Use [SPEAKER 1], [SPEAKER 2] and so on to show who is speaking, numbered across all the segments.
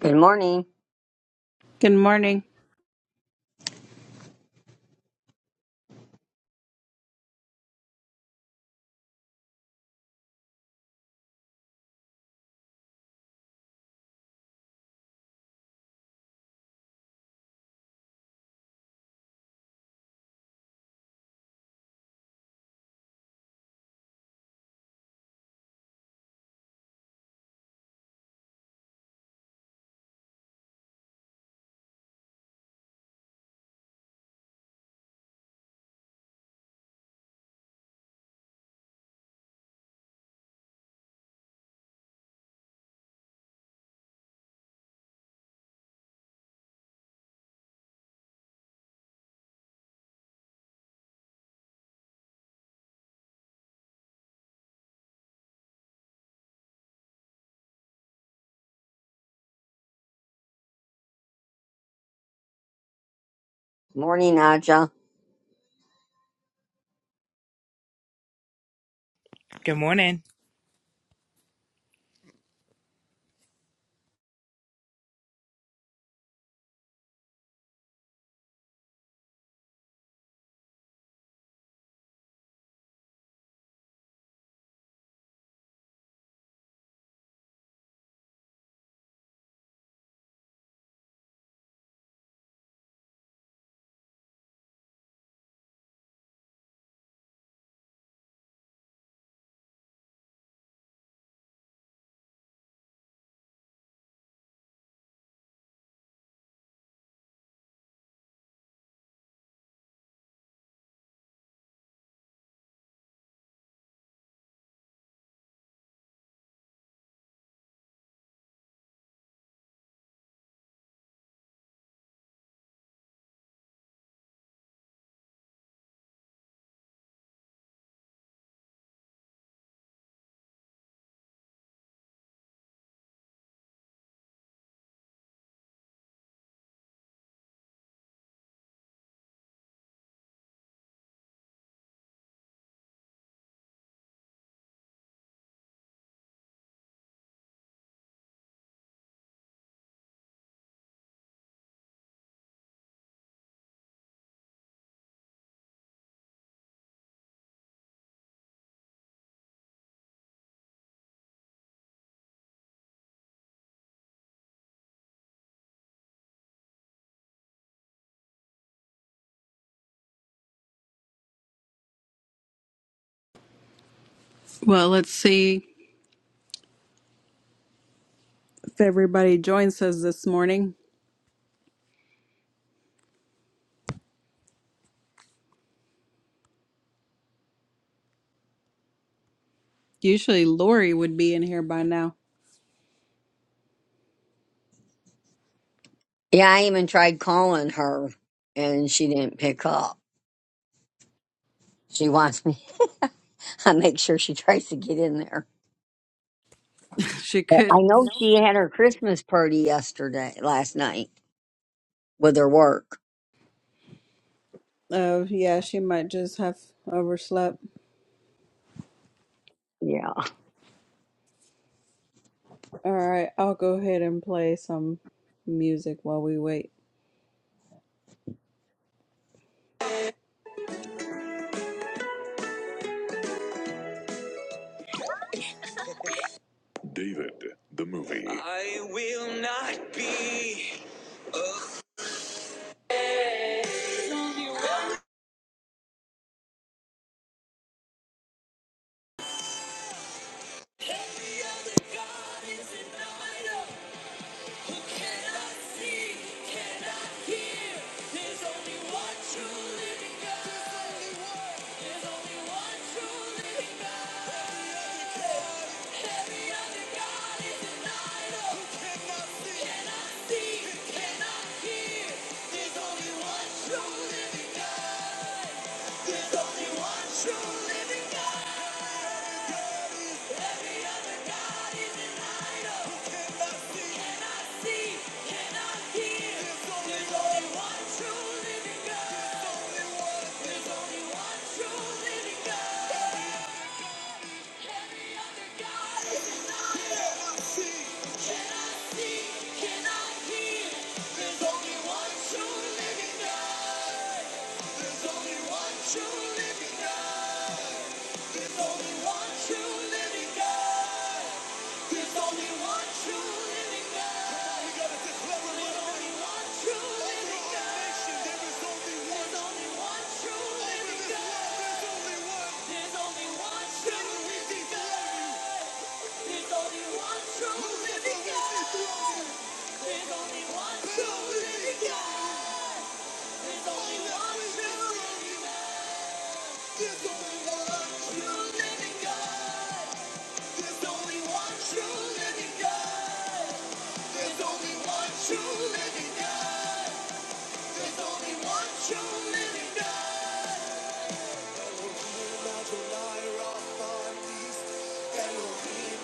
[SPEAKER 1] Good morning.
[SPEAKER 2] Good morning.
[SPEAKER 1] Morning, Aja.
[SPEAKER 3] Good morning.
[SPEAKER 2] Well, let's see if everybody joins us this morning. Usually Lori would be in here by now.
[SPEAKER 1] Yeah, I even tried calling her and she didn't pick up. She wants me, I make sure she tries to get in there.
[SPEAKER 2] she
[SPEAKER 1] But
[SPEAKER 2] could.
[SPEAKER 1] I know she had her Christmas party yesterday, last night, with her work.
[SPEAKER 2] Oh, yeah, she might just have overslept.
[SPEAKER 1] Yeah.
[SPEAKER 2] All right, I'll go ahead and play some music while we wait. I will not be. Who cannot see, cannot hear? There's only one true living God. There's only one true living God. Every other God is an idol. Cannot see, cannot hear. There's only one true living God. There's only one true living God. Every other God is an idol. cannot see, cannot hear. There's only one true living God. There's only one true living God. Every other God is an idol. Cannot see, cannot see, cannot hear. There's only one true living God. There's only one true living God. There's only one true living God. There's only one true living God. we gotta declare it There's right only one true living God. there is only one. true living God. There's only one. true living God. There's only one true living God. There's only one true living God. There's only one true living God. There's only one true living God. There's only one true living God. There's only one true living God. Adonai Raphael, Elohim,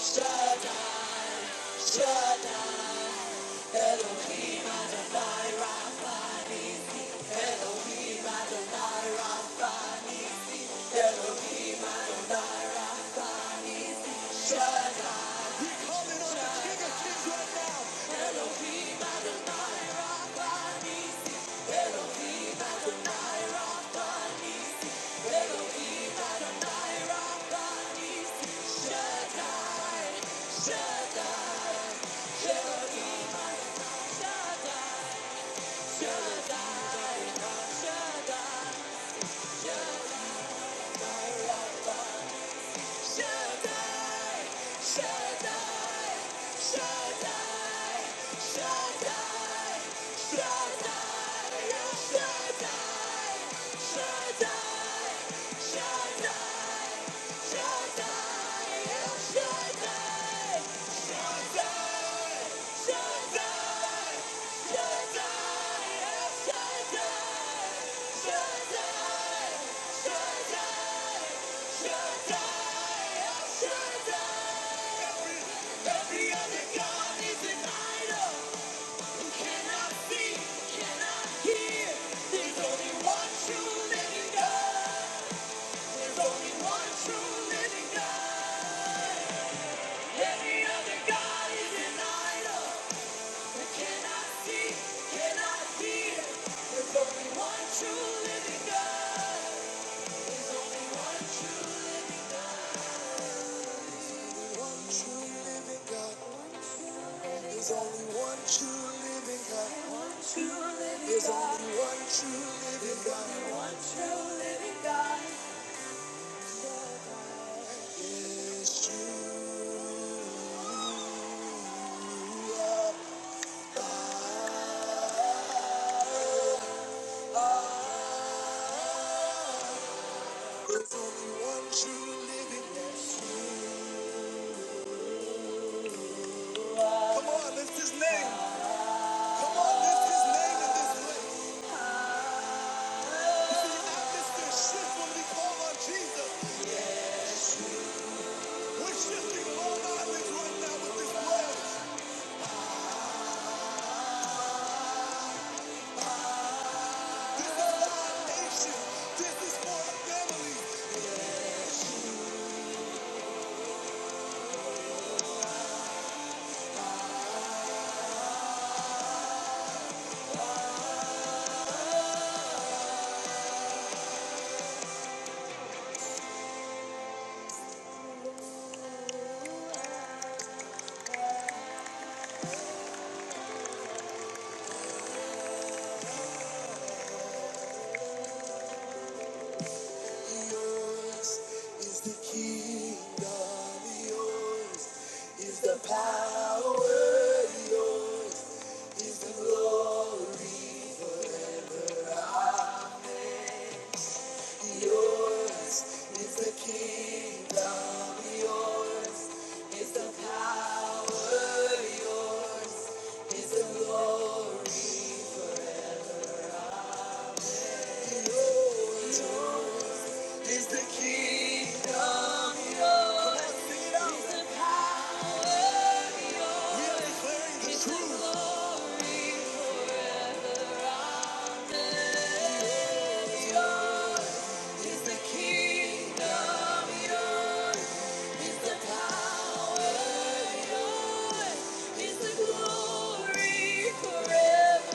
[SPEAKER 2] Shaddai, Shaddai, Shaddai, Shaddai. Shaddai, Shaddai, Shaddai, Shaddai. True living God. There's only one true living God. One true living God. There's only one true living God. There's only one true living God. It's you. There's only one true living God. Come on, lift his name. Come on, lift his name in this place. You see, the atmosphere shifts when we call on Jesus. We're shifting long islands right now with this love. This is for our nation. This is for our families. Yours is the kingdom, yours is the power, yours the glory, yours is the kingdom, yours is the power, yours is the glory, is the kingdom, yours the is the truth. glory, is the kingdom, yours. It's the glory Forever.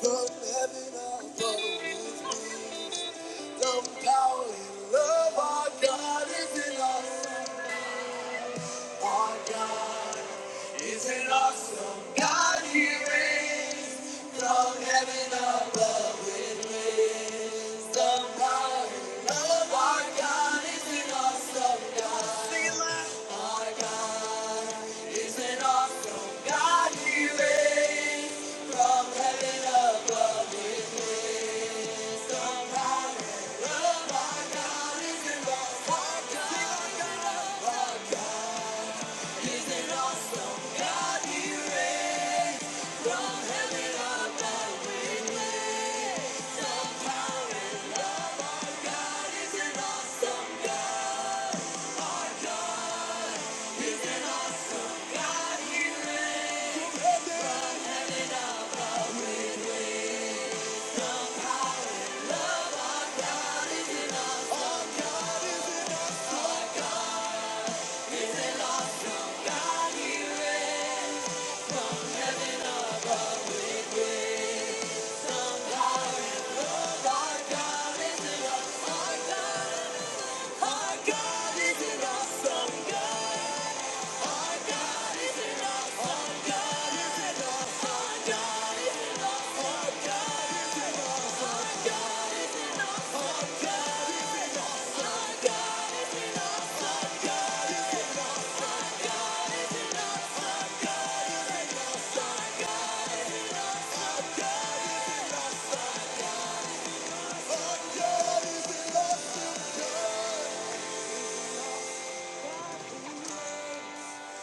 [SPEAKER 2] From heaven above, the power and love our God is in us. Our God. Is an awesome God he reigns from heaven above the power of our God is an awesome God. Sing it loud. Our God is an awesome God he reigns from heaven above is the power of our God is an awesome God. Our God is an awesome God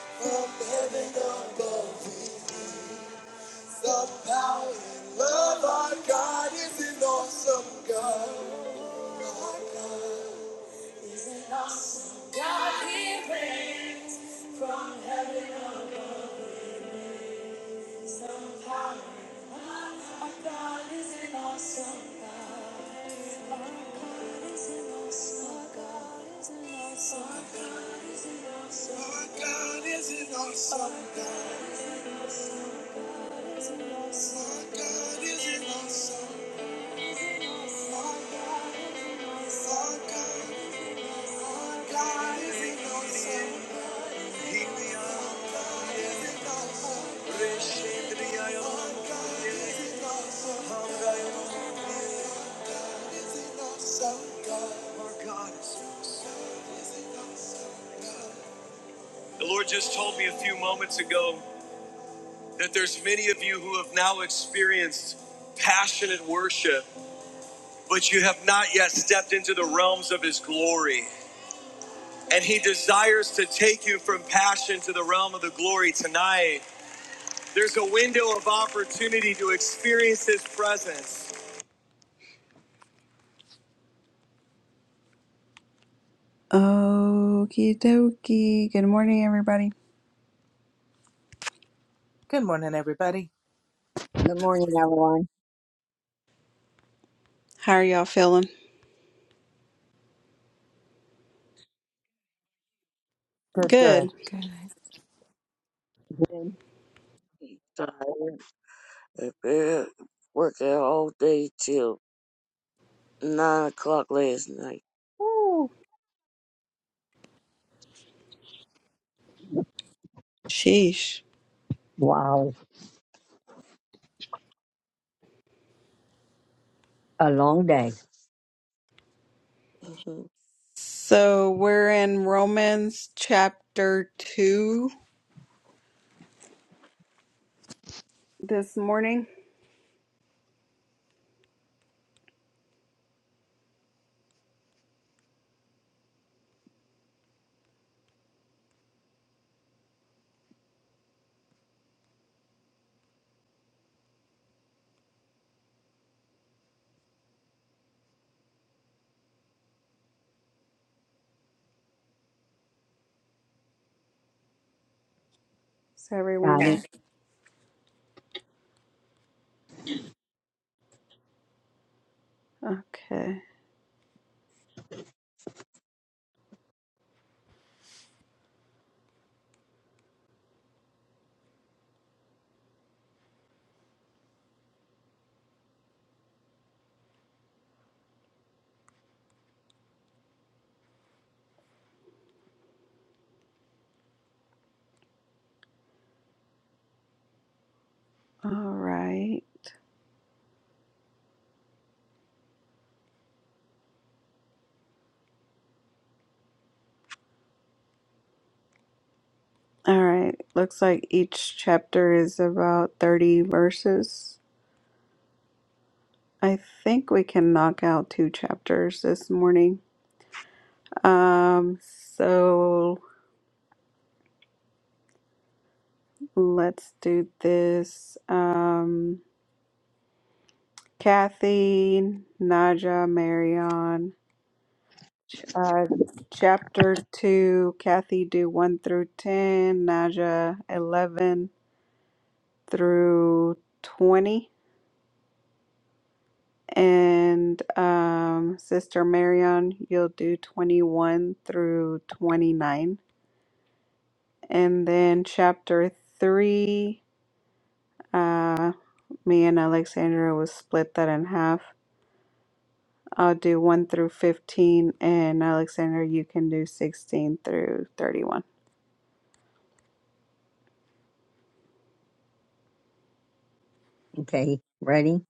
[SPEAKER 2] from heaven above. The power and love our God is an awesome God. Our God is an awesome God. The power of God is an awesome God. Our God is an awesome God. Our God is an awesome God. Our God is an awesome God. Our God is an awesome God. Our God is an awesome God. Our God is an awesome God. The Lord just told me a few moments ago that there's many of you who have now experienced passionate worship, but you have not yet stepped into the realms of His glory. And He desires to take you from passion to the realm of the glory tonight. There's a window of opportunity to experience His presence. Okie dokie. Good morning, everybody.
[SPEAKER 3] Good morning, everybody.
[SPEAKER 1] Good morning, everyone.
[SPEAKER 2] How are y'all feeling?
[SPEAKER 3] Good, good.
[SPEAKER 2] Good.
[SPEAKER 1] Good.
[SPEAKER 4] tired. I've been working all day till nine o'clock last night.
[SPEAKER 1] Ooh,
[SPEAKER 2] Sheesh.
[SPEAKER 1] wow. A long day.
[SPEAKER 4] Mhm.
[SPEAKER 2] So we're in Romans chapter 2 this morning. Is everyone
[SPEAKER 1] Got it.
[SPEAKER 2] there? Yeah. Okay. All right. All right. Looks like each chapter is about 30 verses. I think we can knock out two chapters this morning. Um, so let's do this. Um, Kathy, Naja, Marion, ch- uh, chapter two. Kathy, do one through ten. Naja, eleven through twenty, and um, Sister Marion, you'll do twenty-one through twenty-nine, and then chapter three. Uh, me and Alexandra will split that in half. I'll do 1 through 15, and Alexandra, you can do 16 through 31.
[SPEAKER 1] Okay. Ready?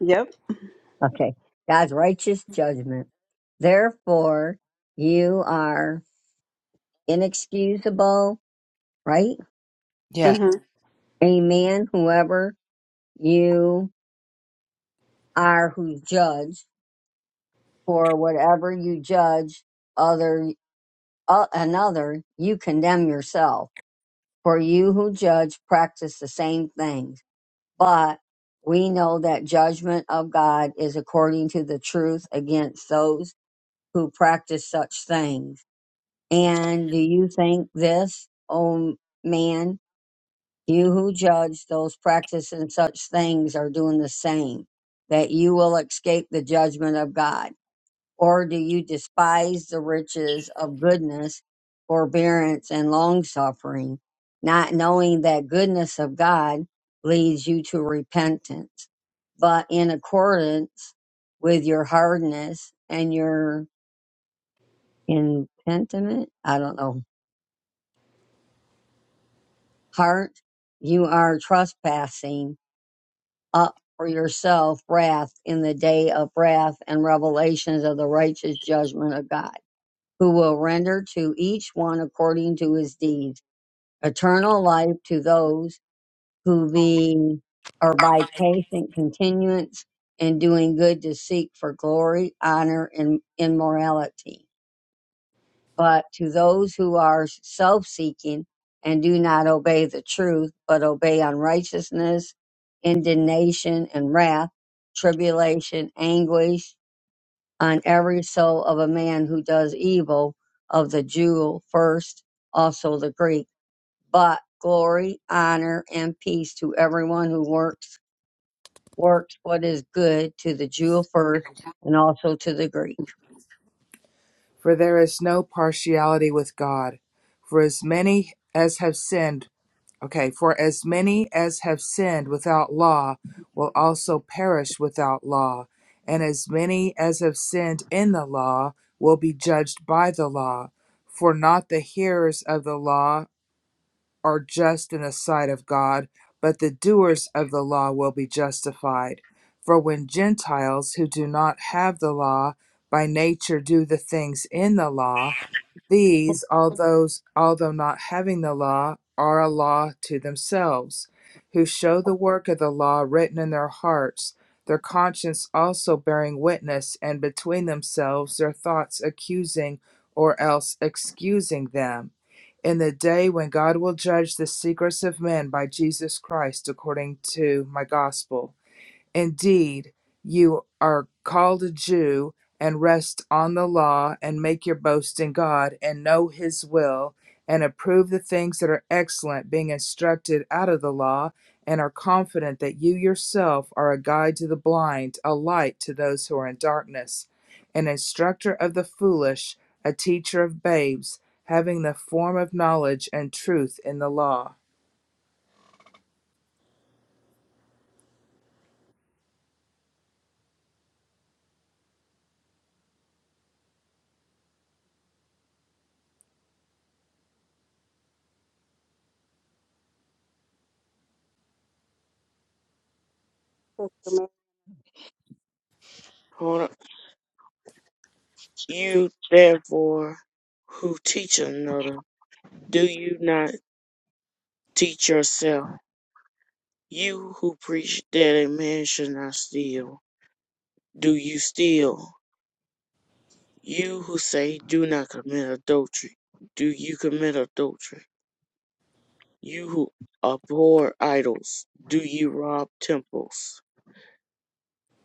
[SPEAKER 2] Yep.
[SPEAKER 1] Okay. God's righteous judgment. Therefore, you are inexcusable, right?
[SPEAKER 3] Yeah.
[SPEAKER 2] Mm-hmm.
[SPEAKER 1] a man, whoever you are who judge, for whatever you judge other uh, another, you condemn yourself. For you who judge practice the same things. But we know that judgment of God is according to the truth against those who practice such things. And do you think this, O man? You who judge those practicing such things are doing the same, that you will escape the judgment of God. Or do you despise the riches of goodness, forbearance, and long suffering, not knowing that goodness of God leads you to repentance, but in accordance with your hardness and your impentiment, I don't know, heart, you are trespassing up for yourself wrath in the day of wrath and revelations of the righteous judgment of God, who will render to each one according to his deeds, eternal life to those who be are by patient continuance in doing good to seek for glory, honor, and immorality but to those who are self seeking and do not obey the truth, but obey unrighteousness, indignation, and wrath, tribulation, anguish on every soul of a man who does evil, of the Jew first, also the Greek. But glory, honor, and peace to everyone who works works what is good to the Jew first and also to the Greek.
[SPEAKER 3] For there is no partiality with God. For as many as have sinned, okay, for as many as have sinned without law will also perish without law. And as many as have sinned in the law will be judged by the law. For not the hearers of the law are just in the sight of God, but the doers of the law will be justified. For when Gentiles who do not have the law by nature do the things in the law, these, although, although not having the law, are a law to themselves, who show the work of the law written in their hearts, their conscience also bearing witness, and between themselves their thoughts accusing or else excusing them. In the day when God will judge the secrets of men by Jesus Christ according to my gospel. Indeed, you are called a Jew and rest on the law and make your boast in God and know his will and approve the things that are excellent, being instructed out of the law, and are confident that you yourself are a guide to the blind, a light to those who are in darkness, an instructor of the foolish, a teacher of babes, having the form of knowledge and truth in the law.
[SPEAKER 4] Hold on. You therefore who teach another, do you not teach yourself? You who preach that a man should not steal, do you steal? You who say do not commit adultery, do you commit adultery? You who abhor idols, do you rob temples?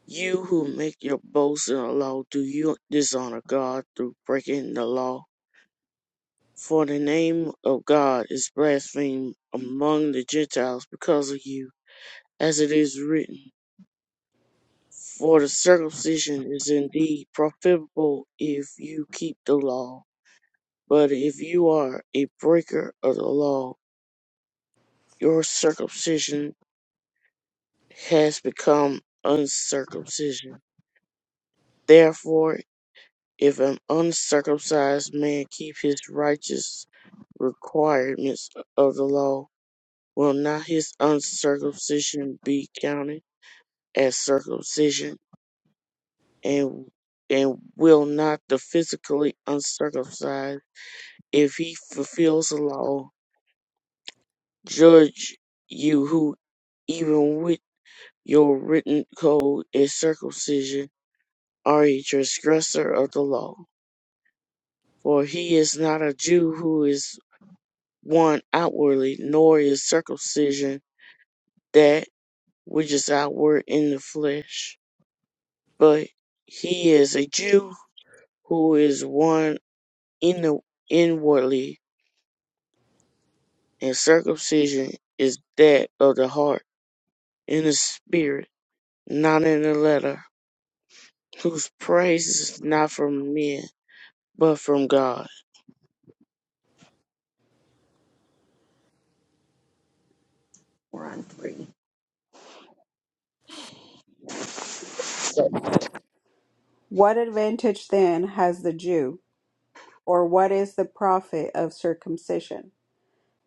[SPEAKER 4] You who make your boast in the law, do you dishonor God through breaking the law? For the name of God is blasphemed among the Gentiles because of you, as it is written. For the circumcision is indeed profitable if you keep the law. But if you are a breaker of the law, your circumcision has become uncircumcision. Therefore, If an uncircumcised man keep his righteous requirements of the law, will not his uncircumcision be counted as circumcision? And and will not the physically uncircumcised, if he fulfills the law, judge you who even with your written code is circumcision, are a transgressor of the law? For he is not a Jew who is one outwardly, nor is circumcision that which is outward in the flesh, but he is a Jew who is one in the inwardly, and circumcision is that of the heart, in the spirit, not in the letter, whose praise is not from men, but from God.
[SPEAKER 1] We're on three.
[SPEAKER 2] What advantage then has the Jew, or what is the profit of circumcision?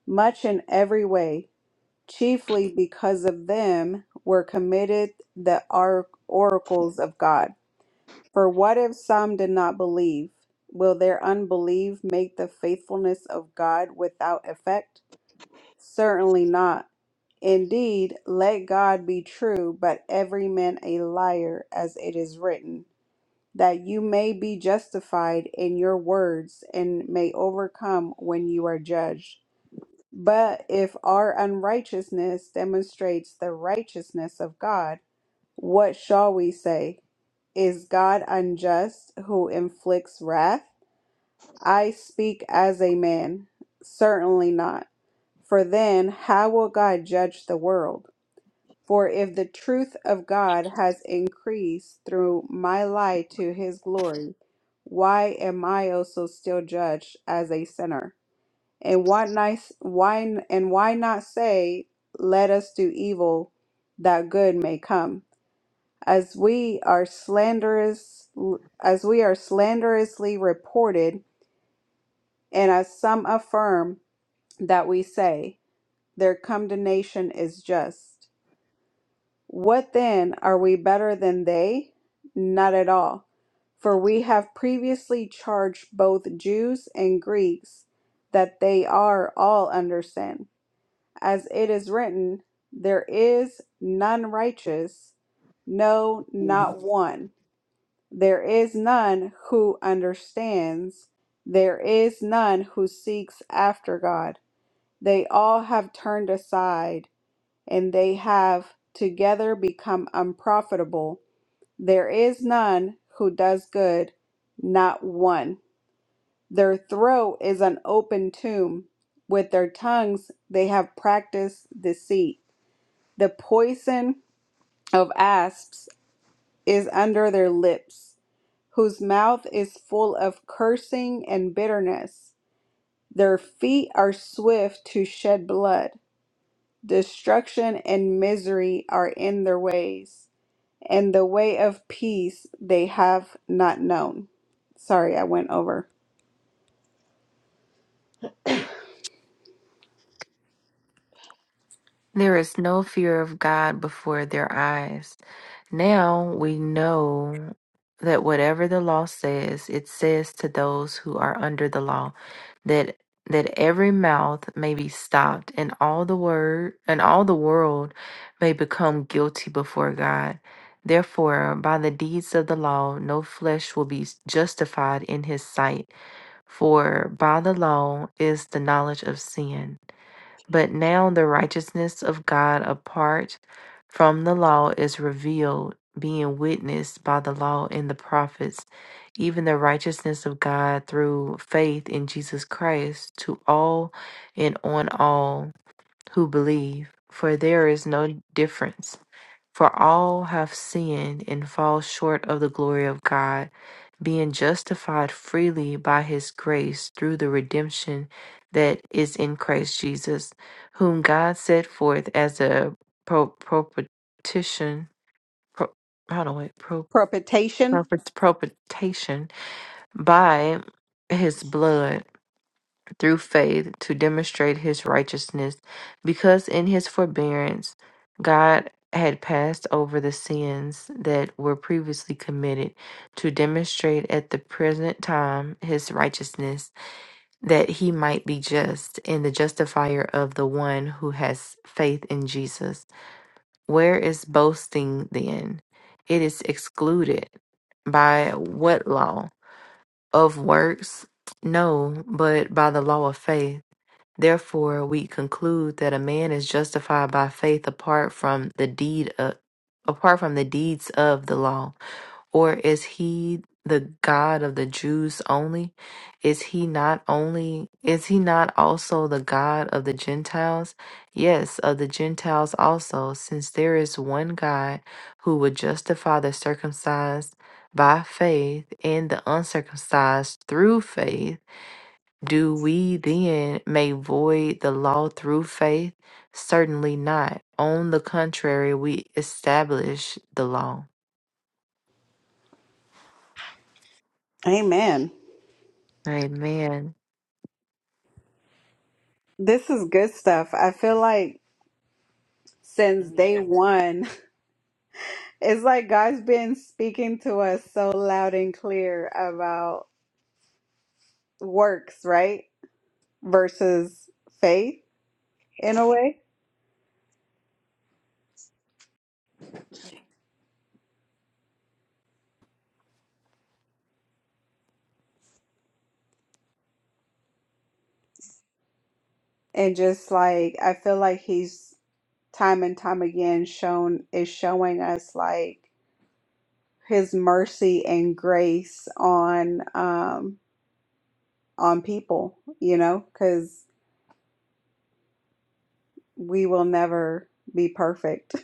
[SPEAKER 2] Much in every way, chiefly because of them were committed the or- oracles of God. For what if some did not believe? Will their unbelief make the faithfulness of God without effect? Certainly not. Indeed, let God be true, but every man a liar, as it is written, that you may be justified in your words and may overcome when you are judged. But if our unrighteousness demonstrates the righteousness of God, what shall we say? Is God unjust who inflicts wrath? I speak as a man. Certainly not. For then, how will God judge the world? For if the truth of God has increased through my lie to his glory, why am I also still judged as a sinner? And why, nice, why, and why not say, Let us do evil, that good may come? as we are slanderous as we are slanderously reported and as some affirm that we say their condemnation is just what then are we better than they not at all for we have previously charged both Jews and Greeks that they are all under sin as it is written there is none righteous no not one There is none who understands. There is none who seeks after God. They all have turned aside, and they have together become unprofitable. There is none who does good, not one. Their throat is an open tomb. With their tongues they have practiced deceit. The poison of asps is under their lips whose mouth is full of cursing and bitterness. Their feet are swift to shed blood. Destruction and misery are in their ways, and the way of peace they have not known. Sorry, I went over.
[SPEAKER 5] There is no fear of God before their eyes. Now we know that whatever the law says, it says to those who are under the law, that that every mouth may be stopped and all the word and all the world may become guilty before God. Therefore, by the deeds of the law, no flesh will be justified in his sight, for by the law is the knowledge of sin. But now the righteousness of God apart from the law is revealed, being witnessed by the law and the prophets, even the righteousness of God through faith in Jesus Christ to all and on all who believe. For there is no difference for all have sinned and fall short of the glory of God, being justified freely by his grace through the redemption that is in Christ Jesus, whom God set forth as a pro- propitiation, pro- how do I, pro-
[SPEAKER 2] Propitiation.
[SPEAKER 5] propit- propitiation by his blood through faith to demonstrate his righteousness, because in his forbearance God had passed over the sins that were previously committed to demonstrate at the present time his righteousness, that he might be just and the justifier of the one who has faith in Jesus. Where is boasting then? It is excluded. By what law? Of works? No, but by the law of faith. Therefore, we conclude that a man is justified by faith apart from the deed of, apart from the deeds of the law. Or is he the God of the Jews only? Is he not only is he not also the God of the Gentiles? Yes, of the Gentiles also, since there is one God who would justify the circumcised by faith and the uncircumcised through faith. Do we then make void the law through faith? Certainly not. On the contrary, we establish the law.
[SPEAKER 2] Amen.
[SPEAKER 5] Amen.
[SPEAKER 2] This is good stuff. I feel like since
[SPEAKER 1] Yeah.
[SPEAKER 2] day one, it's like God's been speaking to us so loud and clear about works, right? versus faith in a way. And just like I feel like he's time and time again shown is showing us like his mercy and grace on um on people, you know, because we will never be perfect.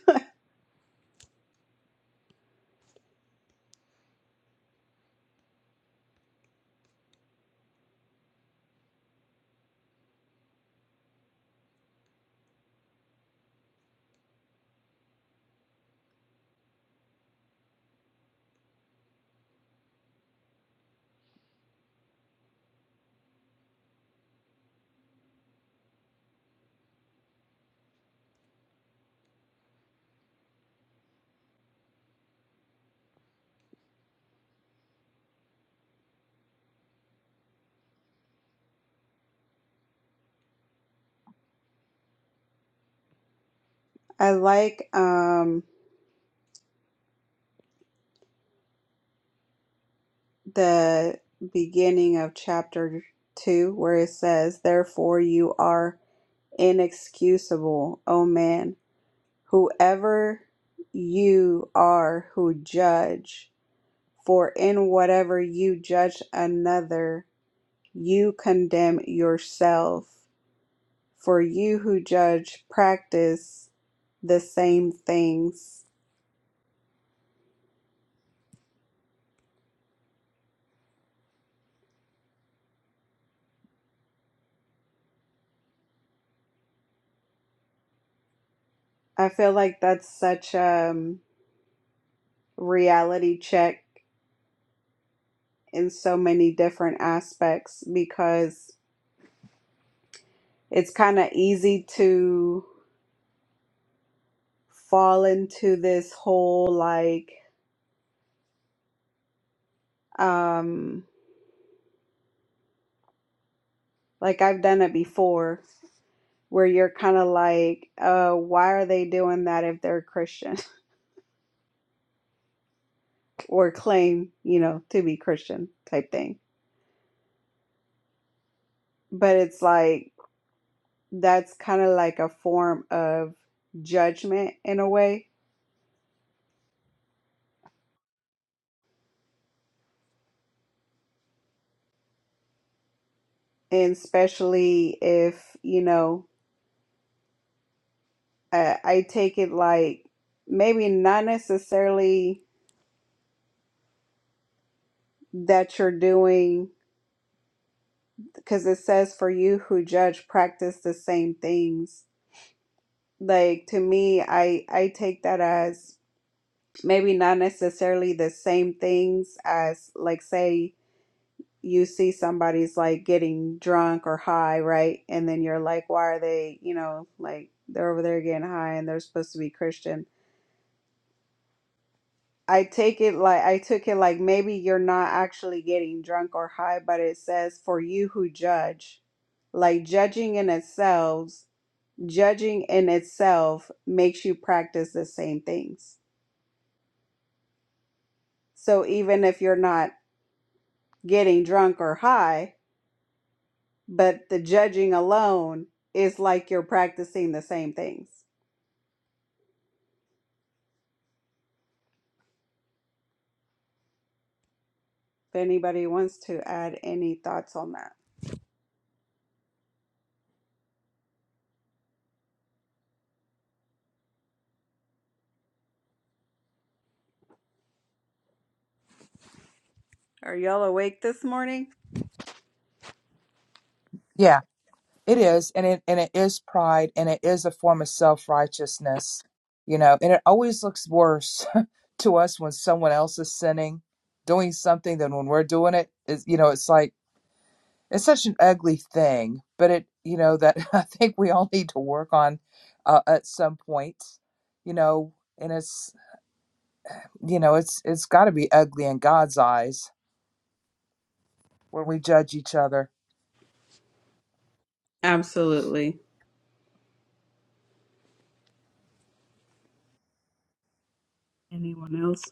[SPEAKER 2] I like um the beginning of chapter two where it says, Therefore you are inexcusable, O man whoever you are who judge, for in whatever you judge another, you condemn yourself. For you who judge practice the same things. I feel like that's such a um, reality check in so many different aspects because it's kind of easy to fall into this whole like, um. Like I've done it before where you're kind of like, uh, why are they doing that if they're Christian or claim, you know, to be Christian type thing. But it's like that's kind of like a form of judgment in a way. And especially if, you know, I, I take it like maybe not necessarily that you're doing, because it says for you who judge practice the same things like to me i i take that as maybe not necessarily the same things as like say you see somebody's like getting drunk or high right and then you're like why are they you know like they're over there getting high and they're supposed to be christian i take it like i took it like maybe you're not actually getting drunk or high but it says for you who judge like judging in itself judging in itself makes you practice the same things So even if you're not getting drunk or high, but the judging alone is like you're practicing the same things. If anybody wants to add any thoughts on that, are y'all awake this morning?
[SPEAKER 3] Yeah. It is, and it and it is pride, and it is a form of self righteousness, you know. And it always looks worse to us when someone else is sinning, doing something, than when we're doing it. Is you know, it's like it's such an ugly thing, but it you know that I think we all need to work on uh, at some point, you know. And it's you know it's it's got to be ugly in God's eyes when we judge each other.
[SPEAKER 2] Absolutely. Anyone else?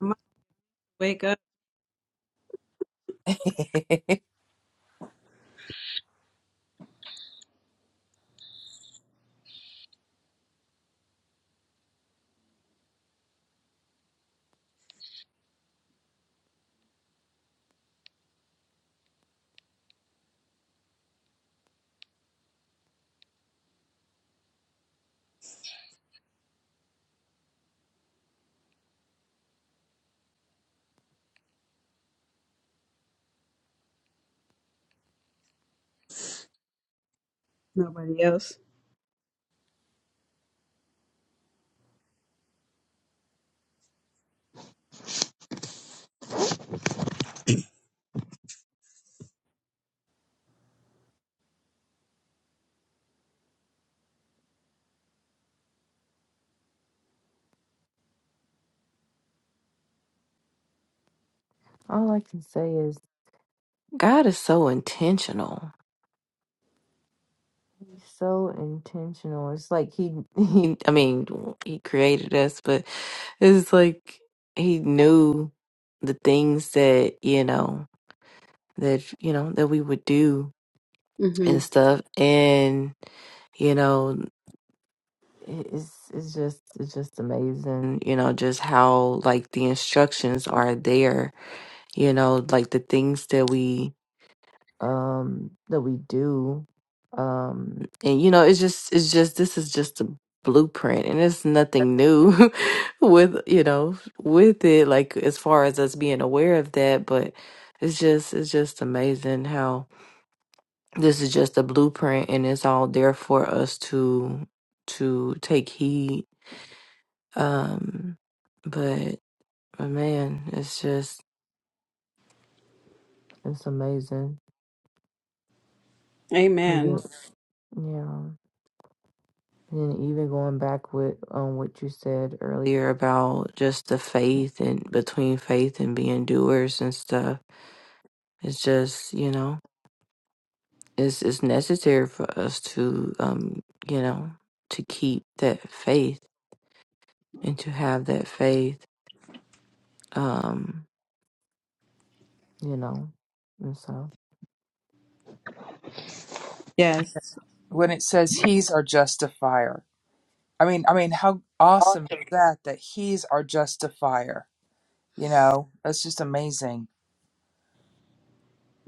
[SPEAKER 2] I might wake up. Nobody else.
[SPEAKER 5] All I can say is God is so intentional. He's so intentional. It's like he, he I mean, he created us, but it's like he knew the things that, you know, that you know that we would do
[SPEAKER 2] Mm-hmm.
[SPEAKER 5] and stuff and you know it- it's it's just it's just amazing you know just how like the instructions are there you know like the things that we um that we do um and you know it's just it's just this is just a blueprint and it's nothing new with you know with it like as far as us being aware of that but it's just it's just amazing how this is just a blueprint and it's all there for us to to take heed um, but, but man, it's just it's amazing. And
[SPEAKER 2] Amen.
[SPEAKER 5] then, yeah, and then even going back with um what you said earlier about just the faith and between faith and being doers and stuff. It's just you know it's it's necessary for us to um you know to keep that faith and to have that faith um you know and so
[SPEAKER 2] Yes.
[SPEAKER 3] When it says He's our justifier, I mean, I mean, how awesome is that? That he's our justifier. You know, that's just amazing.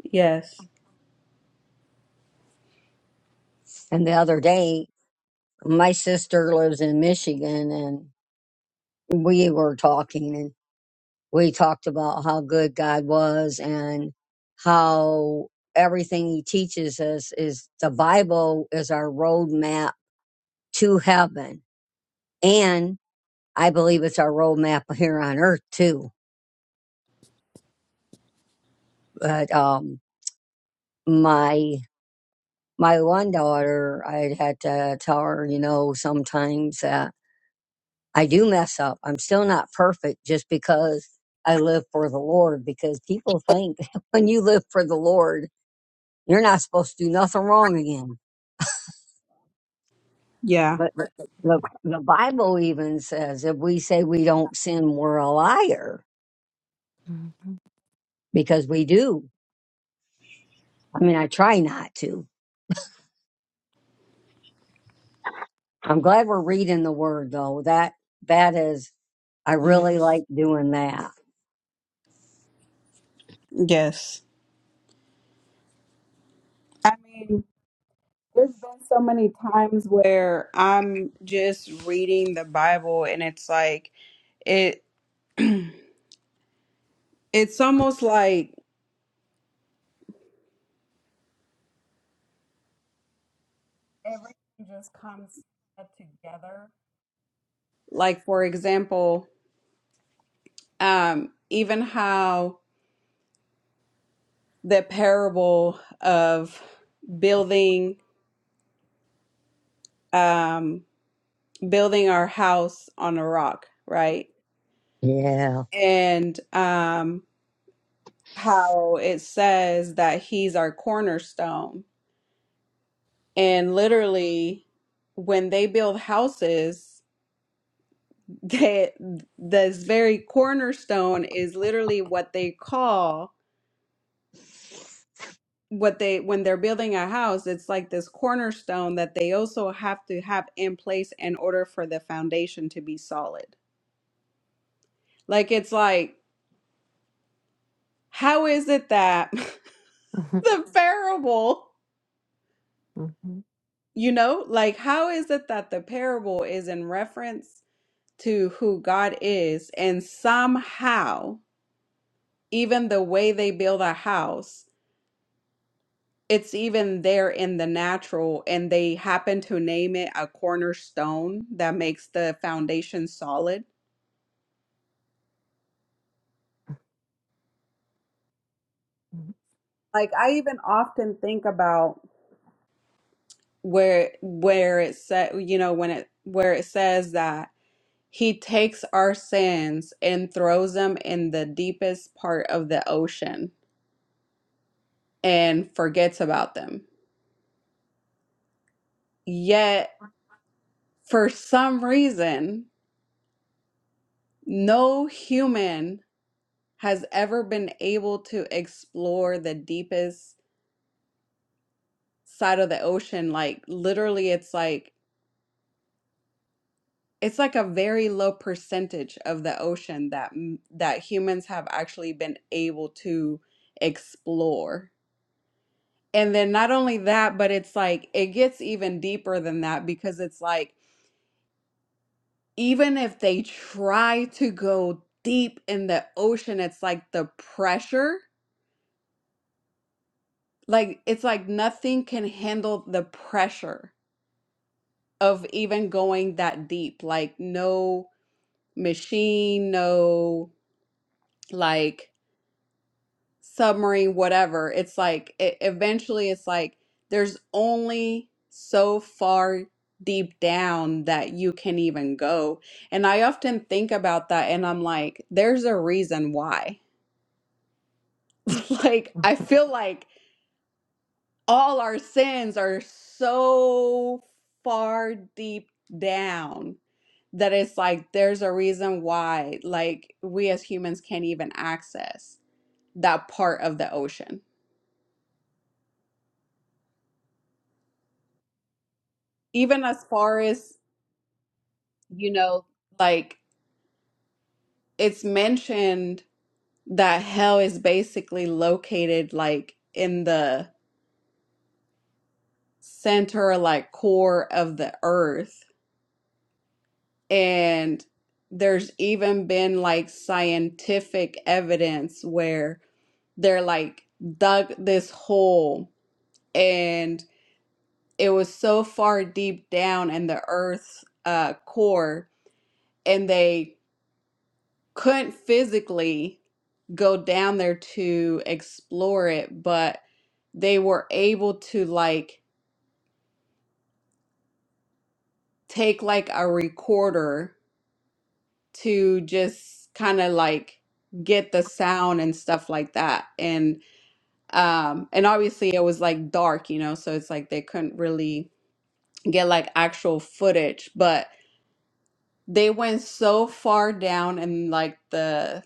[SPEAKER 2] Yes.
[SPEAKER 1] And the other day, my sister lives in Michigan and we were talking and we talked about how good God was and how everything he teaches us is the Bible is our roadmap to heaven. And I believe it's our roadmap here on earth too. But, um, my my one daughter, I had to tell her, you know, sometimes that I do mess up. I'm still not perfect just because I live for the Lord. Because people think when you live for the Lord, you're not supposed to do nothing wrong again.
[SPEAKER 2] Yeah.
[SPEAKER 1] But the, the, the Bible even says if we say we don't sin, we're a liar
[SPEAKER 5] mm-hmm.
[SPEAKER 1] because we do. I mean, I try not to. I'm glad we're reading the Word though. That that is, I really like
[SPEAKER 5] yes.
[SPEAKER 1] doing that.
[SPEAKER 2] Yes. I mean, there's been so many times where I'm just reading the Bible and it's like it. It's almost like Everything just comes together. like for example, um, even how the parable of building um, building our house on a rock, right?
[SPEAKER 1] Yeah.
[SPEAKER 2] And um, how it says that he's our cornerstone, and literally, when they build houses. That this very cornerstone is literally what they call what they when they're building a house, it's like this cornerstone that they also have to have in place in order for the foundation to be solid. Like it's like, how is it that the parable, you know, like how is it that the parable is in reference to who God is and somehow even the way they build a house it's even there in the natural and they happen to name it a cornerstone that makes the foundation solid like i even often think about where where it said you know when it where it says that he takes our sins and throws them in the deepest part of the ocean and forgets about them yet for some reason no human has ever been able to explore the deepest side of the ocean. Like literally, it's like it's like a very low percentage of the ocean that m- that humans have actually been able to explore. And then not only that, but it's like it gets even deeper than that because it's like even if they try to go deep in the ocean, it's like the pressure, like it's like nothing can handle the pressure of even going that deep. Like, no machine, no like submarine, whatever. It's like, it, eventually, it's like there's only so far deep down that you can even go. And I often think about that and I'm like, there's a reason why. like, I feel like all our sins are so far deep down that it's like there's a reason why like we as humans can't even access that part of the ocean even as far as you know like it's mentioned that hell is basically located like in the center like core of the earth and there's even been like scientific evidence where they're like dug this hole and. it was so far deep down in the earth's uh, core and they couldn't physically go down there to explore it but they were able to like take like a recorder to just kind of like get the sound and stuff like that and um and obviously it was like dark you know so it's like they couldn't really get like actual footage but They went so far down in like the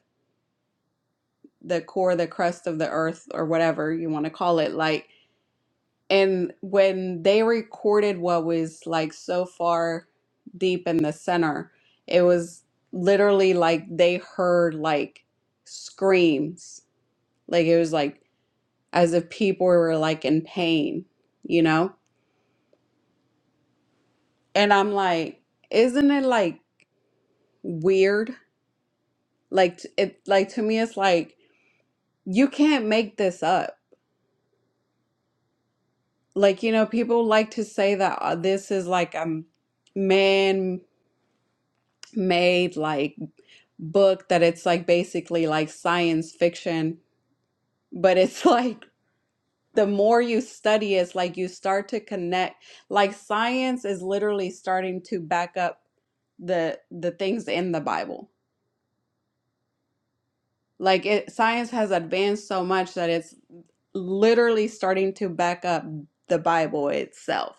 [SPEAKER 2] the core, the crust of the earth, or whatever you want to call it. Like, and when they recorded what was like so far deep in the center, it was literally like they heard like screams. Like it was like as if people were like in pain, you know? And I'm like, isn't it like weird? Like t- it like to me it's like you can't make this up. Like, you know, people like to say that uh, this is like a man-made like book that it's like basically like science fiction, but it's like the more you study it's like you start to connect like science is literally starting to back up the the things in the Bible. Like it science has advanced so much that it's literally starting to back up the Bible itself.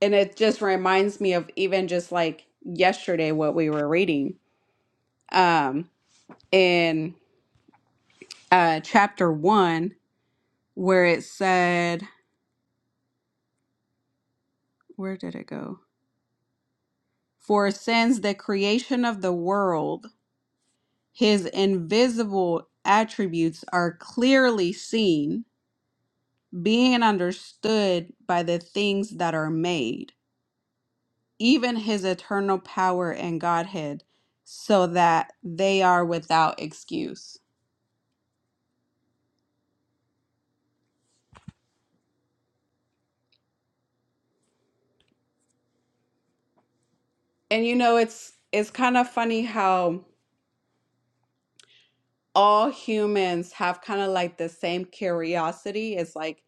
[SPEAKER 2] and it just reminds me of even just like yesterday what we were reading um in uh chapter 1 where it said where did it go for since the creation of the world his invisible attributes are clearly seen being understood by the things that are made even his eternal power and godhead so that they are without excuse And you know, it's it's kind of funny how all humans have kind of like the same curiosity. It's like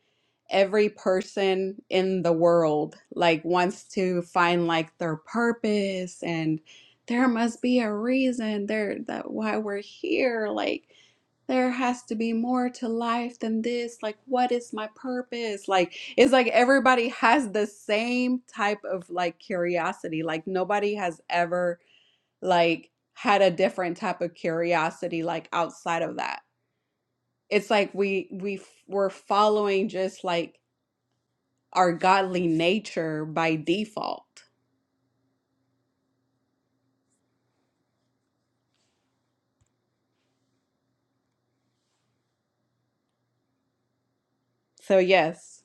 [SPEAKER 2] every person in the world like wants to find like their purpose and there must be a reason there that why we're here. Like there has to be more to life than this. Like what is my purpose? Like it's like everybody has the same type of like curiosity. Like nobody has ever like had a different type of curiosity like outside of that it's like we we f- we're following just like our godly nature by default so yes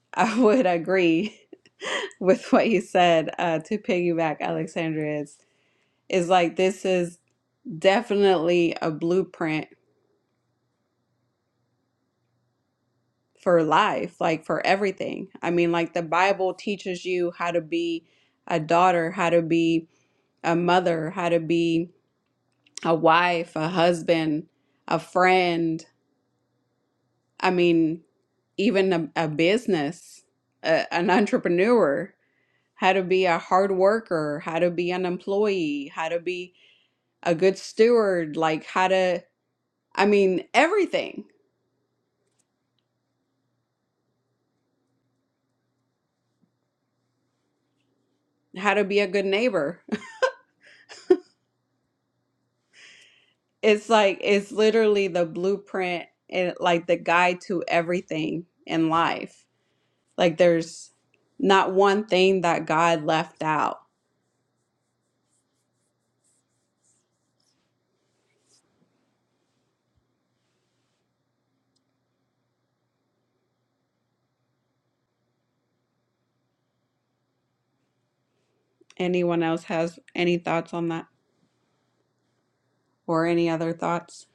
[SPEAKER 2] i would agree with what you said uh to piggyback alexandria is is like this is definitely a blueprint for life like for everything i mean like the bible teaches you how to be a daughter how to be a mother how to be a wife, a husband, a friend. I mean, even a, a business, a, an entrepreneur, how to be a hard worker, how to be an employee, how to be a good steward, like how to, I mean, everything, how to be a good neighbor. It's like, it's literally the blueprint and like the guide to everything in life. Like, there's not one thing that God left out anyone else has any thoughts on that or any other thoughts.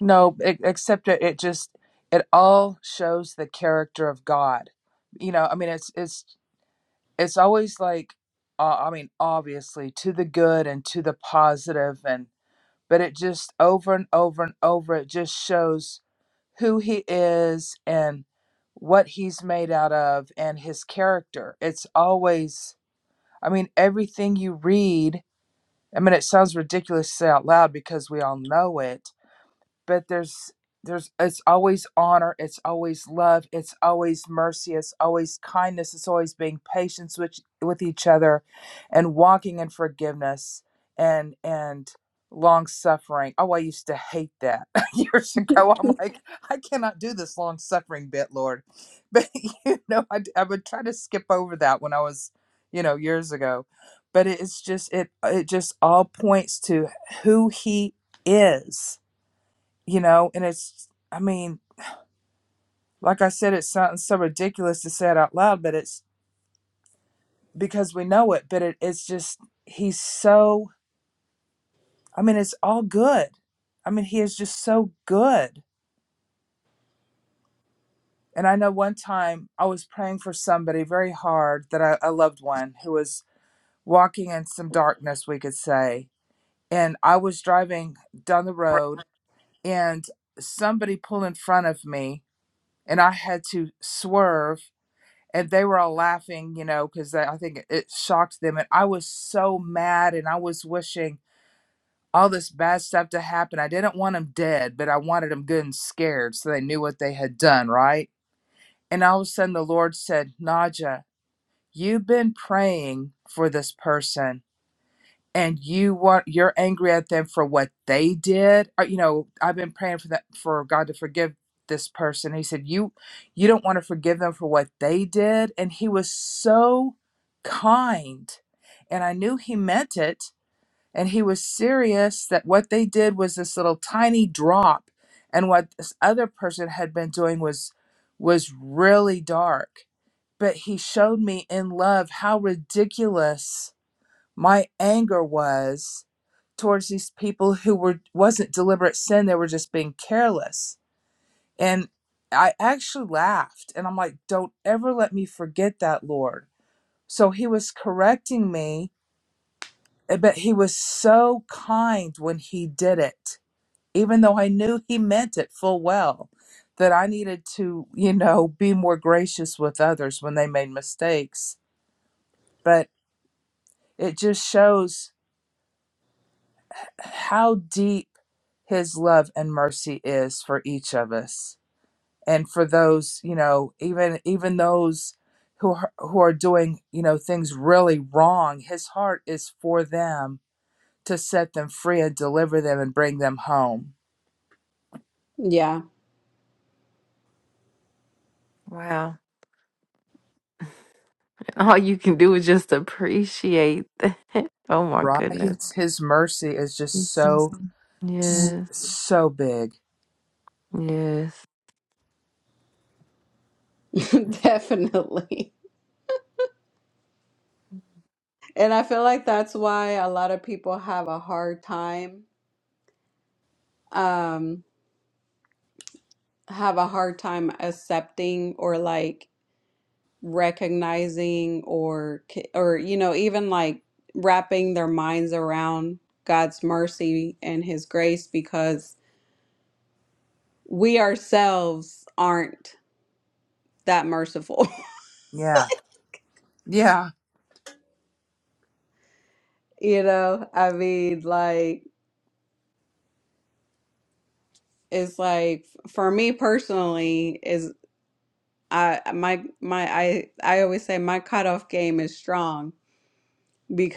[SPEAKER 3] No, e- except it, it just it all shows the character of God. You know, I mean, it's it's it's always like, uh, I mean, obviously to the good and to the positive, and but it just over and over and over, it just shows who he is and what he's made out of and his character. It's always, I mean, everything you read I mean, it sounds ridiculous to say out loud because we all know it, but there's there's it's always honor it's always love it's always mercy it's always kindness it's always being patient with with each other and walking in forgiveness and and long suffering oh i used to hate that years ago i'm like i cannot do this long suffering bit lord but you know I I would try to skip over that when i was you know years ago but it's just it it just all points to who he is you know and it's i mean like i said it sounds so ridiculous to say it out loud but it's because we know it but it, it's just he's so i mean it's all good i mean he is just so good and i know one time i was praying for somebody very hard that i, a loved one who was walking in some darkness we could say and i was driving down the road and somebody pulled in front of me and i had to swerve and they were all laughing, you know, because I think it shocked them. And I was so mad, and I was wishing all this bad stuff to happen. I didn't want them dead, but I wanted them good and scared so they knew what they had done, right? And all of a sudden, the Lord said, Naja, you've been praying for this person and you want you're angry at them for what they did or, you know i've been praying for that for god to forgive this person he said you you don't want to forgive them for what they did and he was so kind and i knew he meant it and he was serious that what they did was this little tiny drop and what this other person had been doing was was really dark but he showed me in love how ridiculous my anger was towards these people who were wasn't deliberate sin they were just being careless and i actually laughed and i'm like don't ever let me forget that lord so he was correcting me eh, but he was so kind when he did it even though i knew he meant it full well that i needed to you know be more gracious with others when they made mistakes but it just shows how deep his love and mercy is for each of us and for those you know even even those who are, who are doing you know things really wrong his heart is for them to set them free and deliver them and bring them home
[SPEAKER 2] Yeah,
[SPEAKER 5] Wow. All you can do is just appreciate that. Oh my
[SPEAKER 3] right
[SPEAKER 5] goodness.
[SPEAKER 3] his, his mercy is just
[SPEAKER 5] Mhm.
[SPEAKER 3] so s-
[SPEAKER 5] Yes.
[SPEAKER 3] so big
[SPEAKER 5] Yes.
[SPEAKER 2] definitely. And I feel like that's why a lot of people have a hard time um have a hard time accepting or like recognizing or c- or you know even like wrapping their minds around God's mercy and his grace because we ourselves aren't that merciful.
[SPEAKER 3] yeah yeah
[SPEAKER 2] You know, I mean, like It's like for me personally is I my my I I always say my cutoff game is strong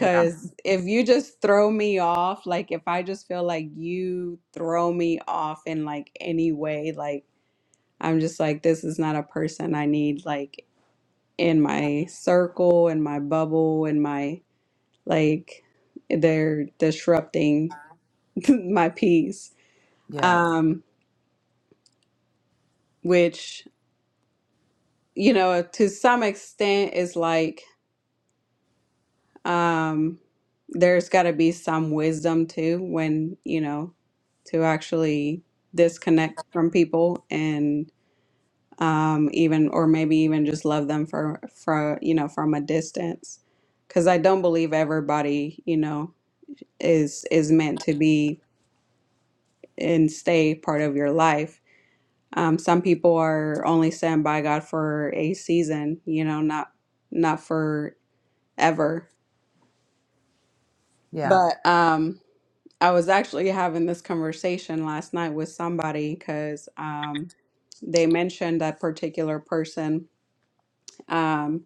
[SPEAKER 3] yeah
[SPEAKER 2] if you just throw me off, like if I just feel like you throw me off in like any way, like I'm just like this is not a person I need like in my circle, in my bubble, in my like they're disrupting my peace.
[SPEAKER 3] yeah
[SPEAKER 2] Um, which you know, to some extent, it's like um, there's got to be some wisdom too when, you know, to actually disconnect from people and um, even, or maybe even just love them for, for, you know, from a distance. Because I don't believe everybody, you know, is is meant to be and stay part of your life. Um, some people are only sent by God for a season, you know, not not forever
[SPEAKER 3] yeah
[SPEAKER 2] But um, I was actually having this conversation last night with somebody because um, they mentioned that particular person, um,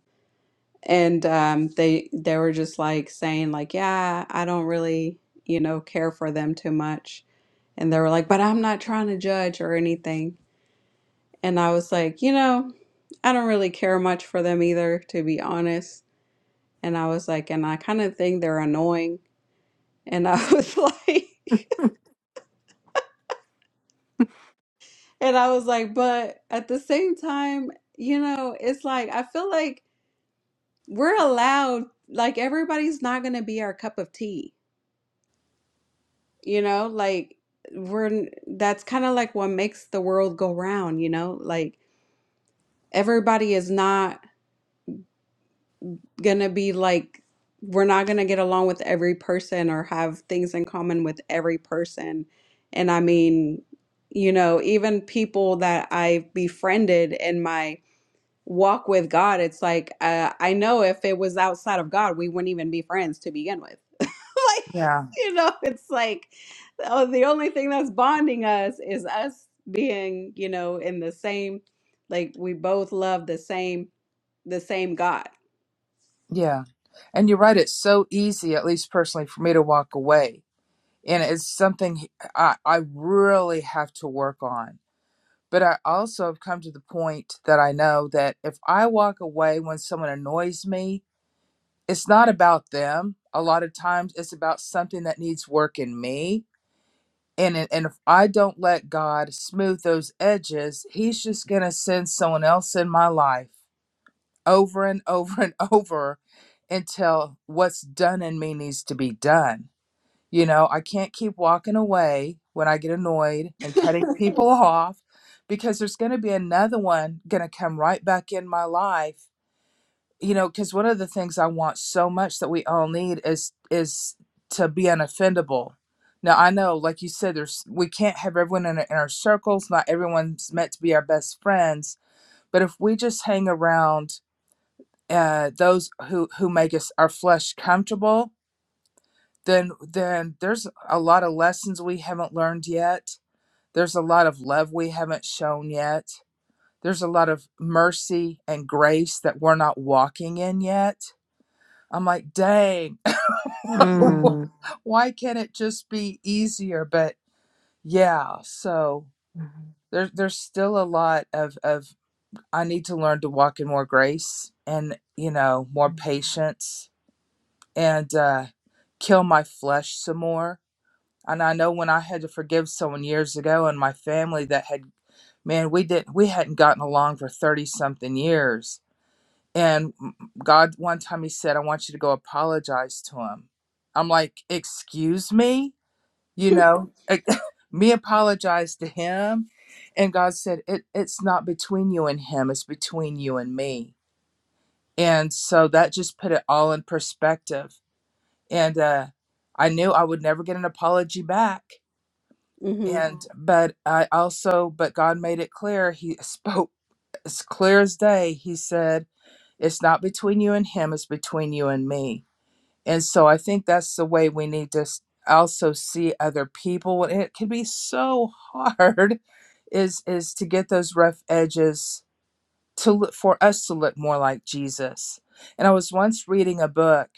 [SPEAKER 2] and um, they they were just like saying like, yeah, I don't really, you know, care for them too much, and they were like, but I'm not trying to judge or anything, and I was like, you know, I don't really care much for them either, to be honest, and I was like, and I kind of think they're annoying, and I was like. And I was like, but at the same time, you know, it's like I feel like we're allowed, like everybody's not going to be our cup of tea, you know? Like we're that's kind of like what makes the world go round, you know? Like everybody is not going to be like we're not going to get along with every person or have things in common with every person. And I mean, you know, even people that I've befriended in my walk with God, it's like uh, I know if it was outside of God, we wouldn't even be friends to begin with. like
[SPEAKER 3] yeah
[SPEAKER 2] you know, it's like oh, the only thing that's bonding us is us being you know in the same like we both love the same the same God.
[SPEAKER 3] yeah and you're right it's so easy at least personally for me to walk away and it's something I, I really have to work on. But I also have come to the point that I know that if I walk away when someone annoys me, it's not about them. A lot of times it's about something that needs work in me. And, it- and if I don't let God smooth those edges, He's just going to send someone else in my life over and over and over until what's done in me needs to be done you know, I can't keep walking away when I get annoyed and cutting people off because there's going to be another one going to come right back in my life. You know, because one of the things I want so much that we all need is is to be unoffendable. Now I know, like you said, there's we can't have everyone in our, in our circles. Not everyone's meant to be our best friends. But if we just hang around uh, those who who make us our flesh comfortable, then then there's a lot of lessons we haven't learned yet there's a lot of love we haven't shown yet there's a lot of mercy and grace that we're not walking in yet i'm like dang Mm.
[SPEAKER 5] Mm.
[SPEAKER 3] why can't it just be easier but yeah so
[SPEAKER 5] Mhm.
[SPEAKER 3] there's there's still a lot of of i need to learn to walk in more grace and you know more patience and uh kill my flesh some more And I know when I had to forgive someone years ago in my family that had, man, we didn't, we hadn't gotten along for 30 something years. And God, one time he said, I want you to go apologize to him. I'm like, excuse me? You know, me apologize to him. And God said, it, it's not between you and him, it's between you and me. And so that just put it all in perspective. And uh, I knew I would never get an apology back
[SPEAKER 2] hmm
[SPEAKER 3] and but i also but god made it clear he spoke as clear as day he said it's not between you and him it's between you and me and so i think that's the way we need to s- also see other people and it can be so hard is is to get those rough edges to look for us to look more like jesus and i was once reading a book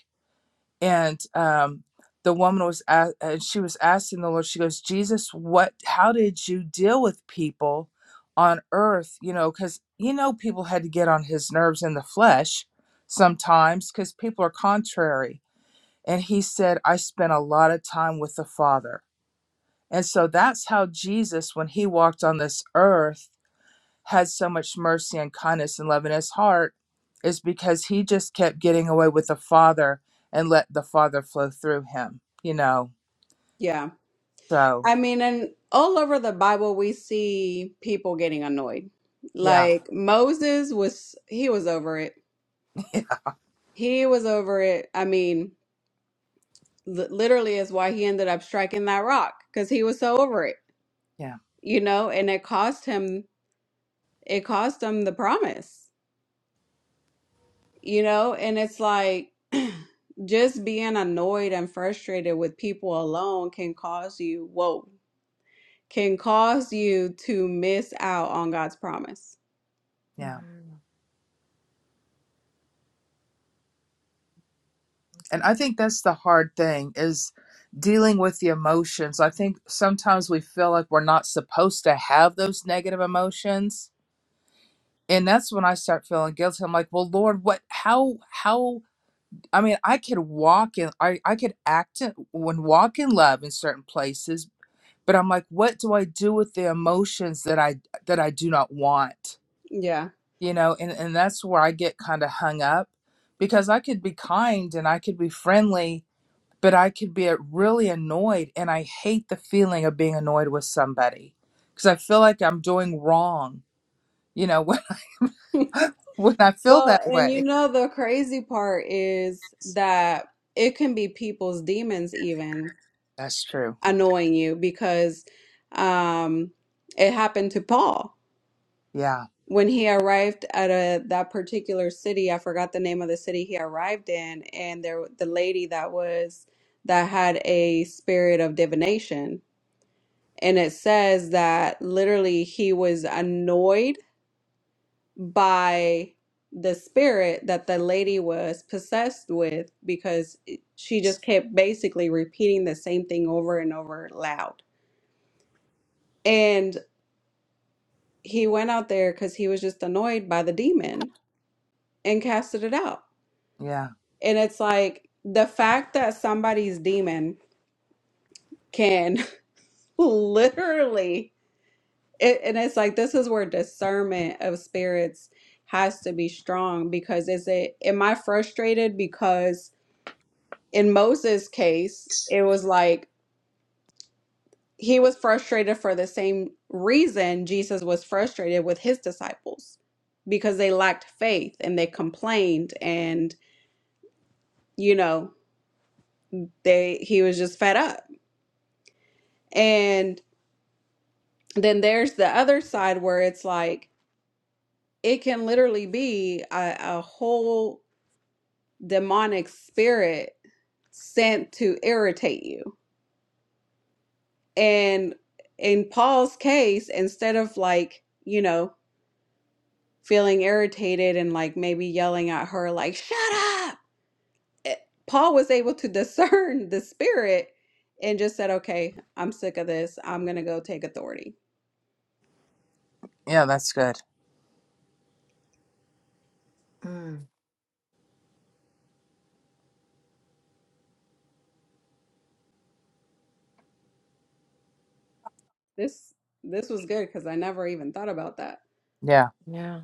[SPEAKER 3] and um the woman was a and she was asking the lord she goes jesus what how did you deal with people on earth you know because you know people had to get on his nerves in the flesh sometimes because people are contrary and he said i spent a lot of time with the father and so that's how jesus when he walked on this earth has so much mercy and kindness and love in his heart is because he just kept getting away with the Father and let the Father flow through him, you know?
[SPEAKER 2] Yeah.
[SPEAKER 3] So,
[SPEAKER 2] I mean, and all over the Bible, we see people getting annoyed.
[SPEAKER 3] yeah,
[SPEAKER 2] Like Moses was, he was over it. He was over it. I mean. li- literally is why he ended up striking that rock because he was so over it,
[SPEAKER 3] yeah,
[SPEAKER 2] you know, and it cost him it cost him the promise, you know, and it's like just being annoyed and frustrated with people alone can cause you, whoa, can cause you to miss out on God's promise.
[SPEAKER 3] yeah. And I think that's the hard thing is dealing with the emotions. I think sometimes we feel like we're not supposed to have those negative emotions. And that's when I start feeling guilty. I'm like, well, Lord, what, how, how, I mean, I could walk in, I, I could act in, when walk in love in certain places, but I'm like, what do I do with the emotions that I that I do not want?
[SPEAKER 2] Yeah.
[SPEAKER 3] You know, and, and that's where I get kind of hung up because I could be kind and I could be friendly, but I could be uh, really annoyed. And I hate the feeling of being annoyed with somebody because I feel like I'm doing wrong, you know, when, when I feel
[SPEAKER 2] Well,
[SPEAKER 3] that
[SPEAKER 2] and you
[SPEAKER 3] way.
[SPEAKER 2] know, the crazy part is that it can be people's demons even
[SPEAKER 3] That's true.
[SPEAKER 2] annoying you because um, it happened to Paul
[SPEAKER 3] Yeah.
[SPEAKER 2] when he arrived at a that particular city. I forgot the name of the city he arrived in, and there the lady that was that had a spirit of divination And it says that literally he was annoyed by the spirit that the lady was possessed with because it- she just kept basically repeating the same thing over and over loud. And he went out there because he was just annoyed by the demon and casted it out.
[SPEAKER 3] Yeah.
[SPEAKER 2] And it's like the fact that somebody's demon can literally. It, and it's like this is where discernment of spirits has to be strong because is it am I frustrated because in Moses' case it was like he was frustrated for the same reason Jesus was frustrated with his disciples because they lacked faith and they complained and you know they he was just fed up. And then there's the other side where it's like it can literally be a, a whole demonic spirit sent to irritate you. And in Paul's case, instead of like, you know, feeling irritated and like maybe yelling at her, like, shut up, eh, Paul was able to discern the spirit and just said, okay, I'm sick of this. I'm going to go take authority.
[SPEAKER 3] Yeah. That's good.
[SPEAKER 5] Mhm.
[SPEAKER 2] This this was good because I never even thought about that.
[SPEAKER 3] Yeah.
[SPEAKER 5] Yeah.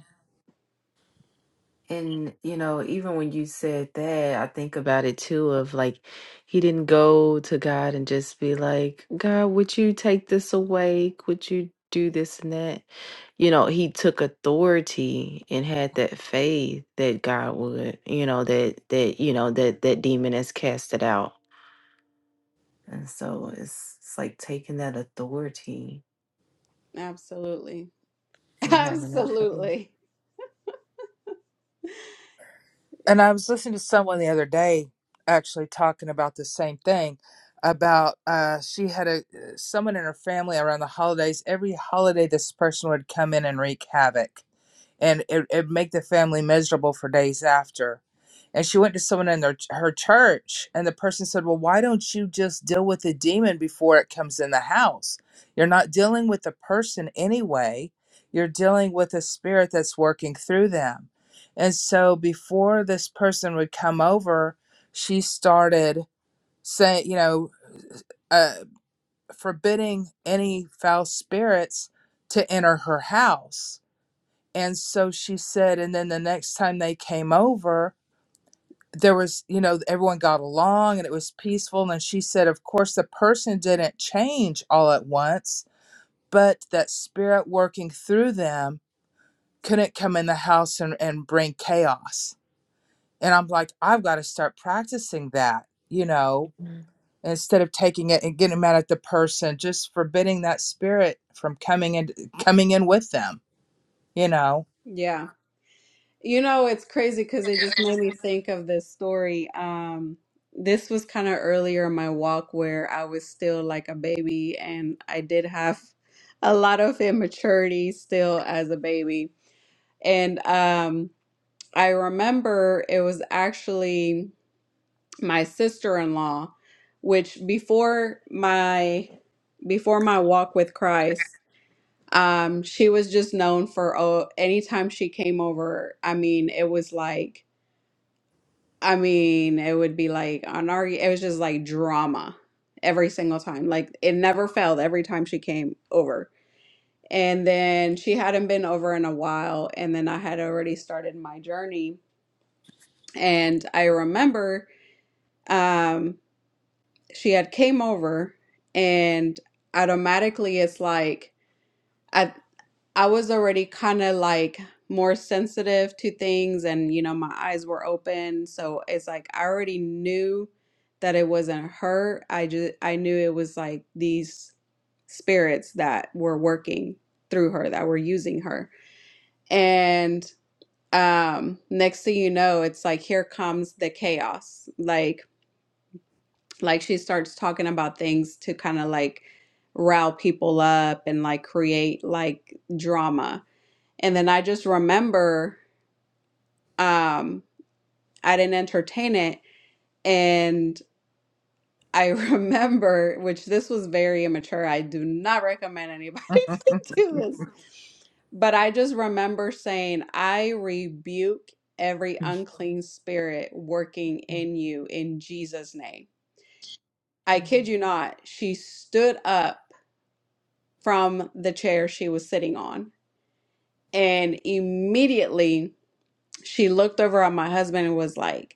[SPEAKER 5] And, you know, even when you said that, I think about it too of like, he didn't go to God and just be like, God, would you take this away? Would you do this and that? You know, he took authority and had that faith that God would, you know, that, that, you know, that, that demon has cast it out. And so it's, it's like taking that authority
[SPEAKER 2] Absolutely.
[SPEAKER 5] and having that faith.
[SPEAKER 2] Absolutely.
[SPEAKER 3] And I was listening to someone the other day actually talking about the same thing about uh, she had a someone in her family around the holidays. Every holiday, this person would come in and wreak havoc and it it make the family miserable for days after. And she went to someone in their, her church, and the person said, "Well, why don't you just deal with the demon before it comes in the house? You're not dealing with the person anyway. You're dealing with a spirit that's working through them." And so, before this person would come over, she started saying, you know, uh, forbidding any foul spirits to enter her house and so she said, and then the next time they came over, there was, you know, everyone got along and it was peaceful. And she said, of course, the person didn't change all at once, but that spirit working through them couldn't come in the house and, and bring chaos. And I'm like, I've got to start practicing that, you know,
[SPEAKER 5] Mhm.
[SPEAKER 3] instead of taking it and getting mad at the person, just forbidding that spirit from coming in, coming in with them, you know.
[SPEAKER 2] Yeah. You know, it's crazy because it just made me think of this story. Um, this was kind of earlier in my walk where I was still like a baby and I did have a lot of immaturity still as a baby. And um, I remember it was actually my sister-in-law, which before my before my walk with Christ, um, she was just known for oh, anytime she came over, I mean, it was like I mean, it would be like an argue. It was just like drama every single time. Like it never failed every time she came over. And then she hadn't been over in a while. And then I had already started my journey. And I remember um, she had came over, and automatically it's like I I was already kind of like more sensitive to things and you know my eyes were open so it's like I already knew that it wasn't her I just I knew it was like these spirits that were working through her that were using her and um next thing you know it's like here comes the chaos like like she starts talking about things to kind of like rile people up and like create like drama and then I just remember um, I didn't entertain it. And I remember, which this was very immature. I do not recommend anybody to do this. But I just remember saying, I rebuke every
[SPEAKER 5] Mhm.
[SPEAKER 2] unclean spirit working in you in Jesus' name. I
[SPEAKER 5] Mhm.
[SPEAKER 2] kid you not, she stood up from the chair she was sitting on. And immediately she looked over at my husband and was like,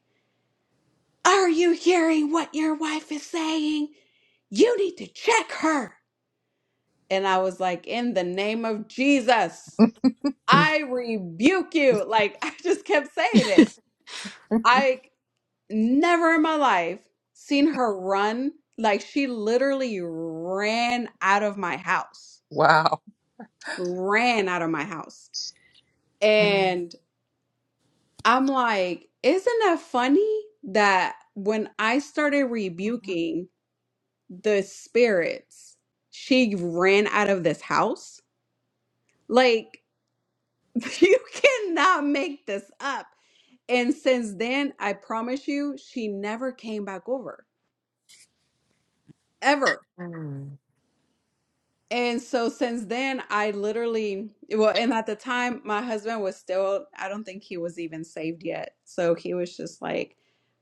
[SPEAKER 2] Are you hearing what your wife is saying? You need to check her. And I was like, In the name of Jesus, I rebuke you. Like, I just kept saying it. I never in my life seen her run. Like, she literally ran out of my house,
[SPEAKER 3] wow.
[SPEAKER 2] ran out of my house.
[SPEAKER 5] Mhm.
[SPEAKER 2] And I'm like, Isn't that funny that when I started rebuking, the spirits, she ran out of this house. Like, you cannot make this up. And since then, I promise you, she never came back over, ever.
[SPEAKER 5] Mhm.
[SPEAKER 2] And so since then, I literally, well, and at the time, my husband was still, I don't think he was even saved yet. So he was just like,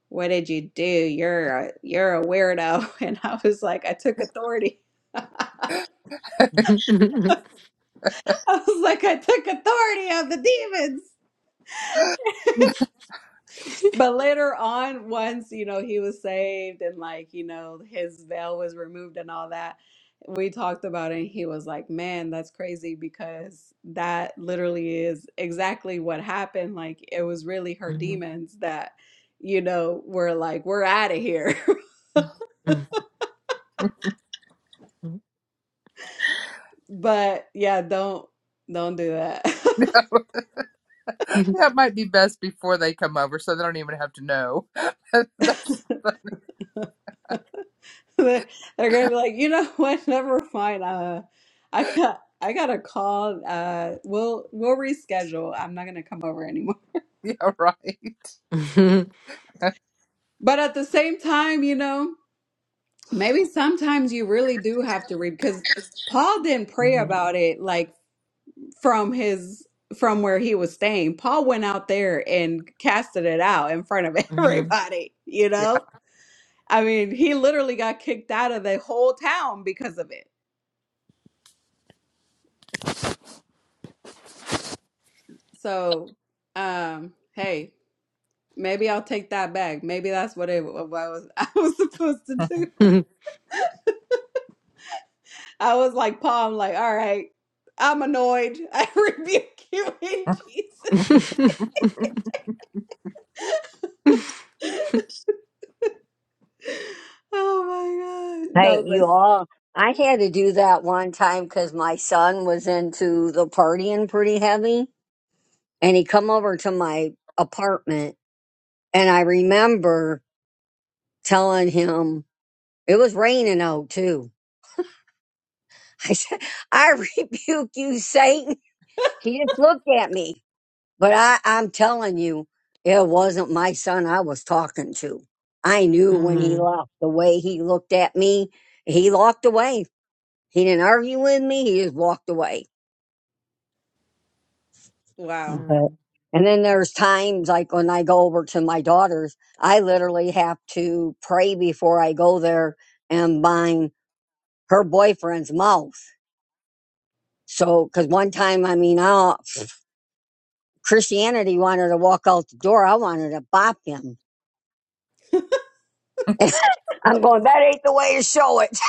[SPEAKER 2] what did you do? You're a, you're a weirdo. And I was like, I took authority. I was like, I took authority of the demons. But later on, once, you know, he was saved and like, you know, his veil was removed and all that, we talked about it and he was like, man, that's crazy because that literally is exactly what happened. Like, it was really her demons that, you know, were like, we're out of here. But yeah, don't don't do that.
[SPEAKER 3] That might be best before they come over, so they don't even have to know. That's
[SPEAKER 2] They're gonna be like, you know what? Never mind. Uh, I got I got a call. Uh, we'll we'll reschedule. I'm not gonna come over anymore.
[SPEAKER 3] yeah, right.
[SPEAKER 2] But at the same time, you know, maybe sometimes you really do have to read because Paul didn't pray about it like from his from where he was staying. Paul went out there and casted it out in front of everybody. You
[SPEAKER 3] Yeah.
[SPEAKER 2] know, I mean, he literally got kicked out of the whole town because of it. So, um, hey. Maybe I'll take that back. Maybe that's what it what I was I was supposed to do. I was like, Paul, I'm like, all right, I'm annoyed. I rebuke you in Jesus. Oh my God.
[SPEAKER 1] Hey,
[SPEAKER 2] No,
[SPEAKER 1] you
[SPEAKER 2] but
[SPEAKER 1] all. I had to do that one time because my son was into the partying pretty heavy, and he come over to my apartment, and I remember telling him it was raining out too. I said, "I rebuke you, Satan." He just looked at me, but I, I'm telling you, it wasn't my son I was talking to. I knew when he left the way he looked at me. He walked away. He didn't argue with me. He just walked away.
[SPEAKER 2] wow.
[SPEAKER 1] But, and then there's times like when I go over to my daughter's, I literally have to pray before I go there and bind her boyfriend's mouth. So, cause one time, I mean, I, Christianity wanted to walk out the door. I wanted to bop him. I'm going, that ain't the way to show it.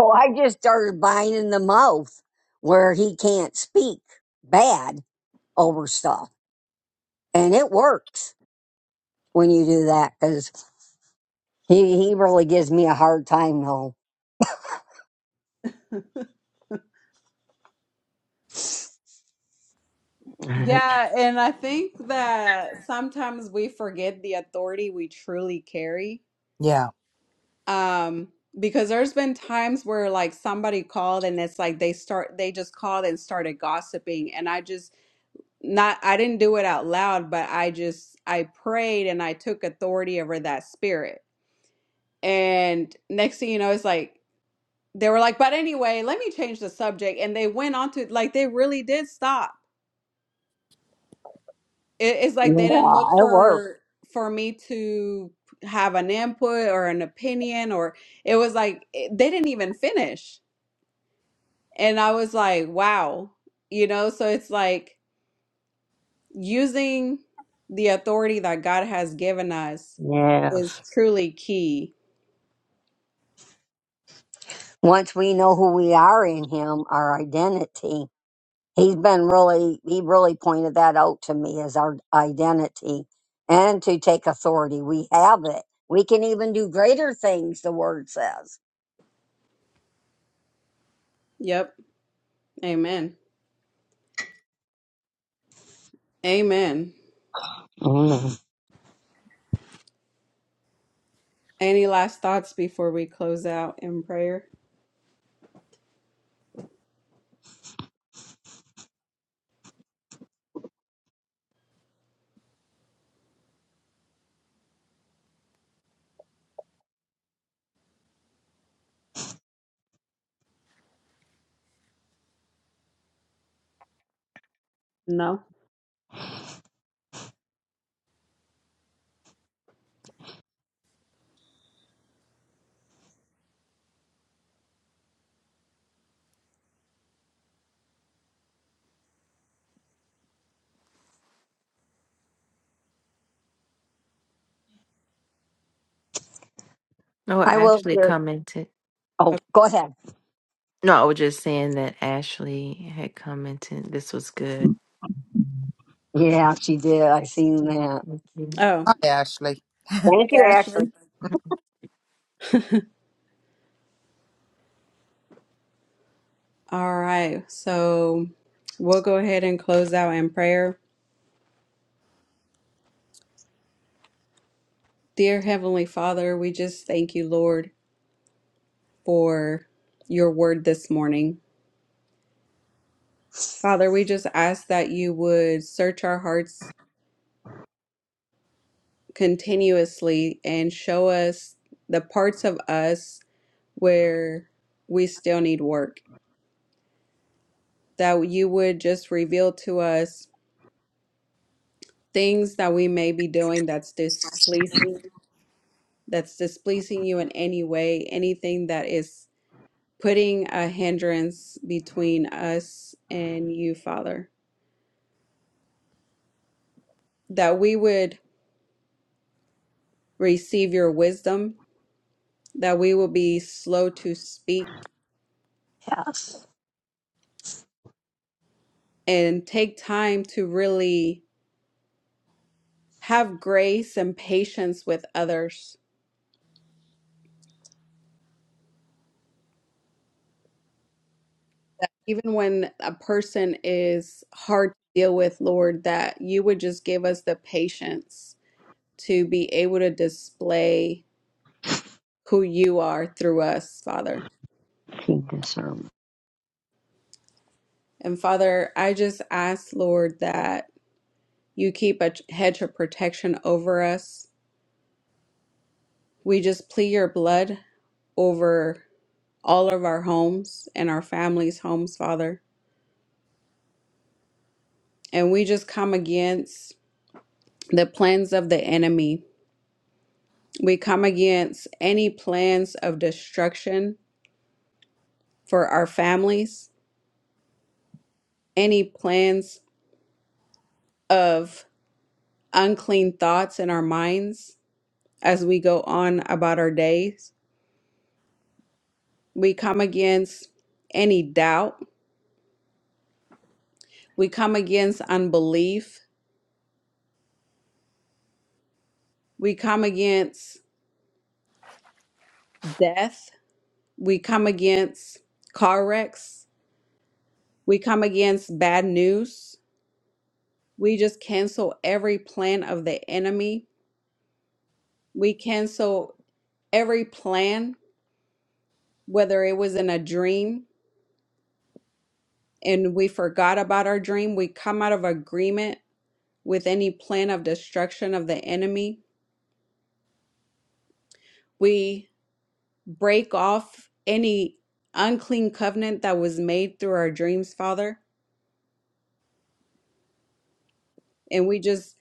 [SPEAKER 1] So I just started binding the mouth where he can't speak bad over stuff. And it works when you do that because he, he really gives me a hard time though. yeah, it
[SPEAKER 2] Yeah, and I think that sometimes we forget the authority we truly carry.
[SPEAKER 3] Yeah.
[SPEAKER 2] Um, because there's been times where like somebody called and it's like they start they just called and started gossiping and I just not I didn't do it out loud, but I just I prayed and I took authority over that spirit. And next thing you know, it's like they were like, but anyway, let me change the subject. And they went on to like they really did stop. It, it's like they didn't look
[SPEAKER 1] works.
[SPEAKER 2] for for me to have an input or an opinion or it was like it, they didn't even finish. And I was like, wow, you know, so it's like using the authority that God has given us
[SPEAKER 1] Yes.
[SPEAKER 2] is truly key.
[SPEAKER 1] Once we know who we are in him, our identity, he's been really, he really pointed that out to me as our identity and to take authority. We have it. We can even do greater things, the word says.
[SPEAKER 2] Yep. Amen. Amen.
[SPEAKER 1] Mm.
[SPEAKER 2] Any last thoughts before we close out in prayer? No.
[SPEAKER 5] No,
[SPEAKER 1] I will.
[SPEAKER 5] Ashley
[SPEAKER 1] do-
[SPEAKER 5] commented.
[SPEAKER 1] Oh, go ahead.
[SPEAKER 5] No, I was just saying that Ashley had commented. This was good.
[SPEAKER 1] Yeah, she did. I seen that.
[SPEAKER 5] Thank you.
[SPEAKER 2] Oh.
[SPEAKER 3] Hi, Ashley.
[SPEAKER 2] Hey,
[SPEAKER 1] Thank you, Ashley.
[SPEAKER 2] Ashley. All right. So we'll go ahead and close out in prayer. Dear Heavenly Father, we just thank you, Lord, for your word this morning. Father, we just ask that you would search our hearts continuously and show us the parts of us where we still need work. That you would just reveal to us things that we may be doing that's displeasing, that's displeasing you in any way, anything that is putting a hindrance between us and you, Father. That we would receive your wisdom, that we will be slow to speak
[SPEAKER 1] Yes.
[SPEAKER 2] and take time to really have grace and patience with others. Even when a person is hard to deal with, Lord, that you would just give us the patience to be able to display who you are through us, Father.
[SPEAKER 1] King discernment.
[SPEAKER 2] And Father, I just ask, Lord, that you keep a hedge of protection over us. We just plead your blood over all of our homes and our families' homes, Father. And we just come against. the plans of the enemy. We come against any plans of destruction for our families, any plans of unclean thoughts in our minds as we go on about our days. We come against any doubt. We come against unbelief. We come against death. We come against car wrecks. We come against bad news. We just cancel every plan of the enemy We cancel every plan, whether it was in a dream and we forgot about our dream, we come out of agreement with any plan of destruction of the enemy. We break off any unclean covenant that was made through our dreams, Father, and we just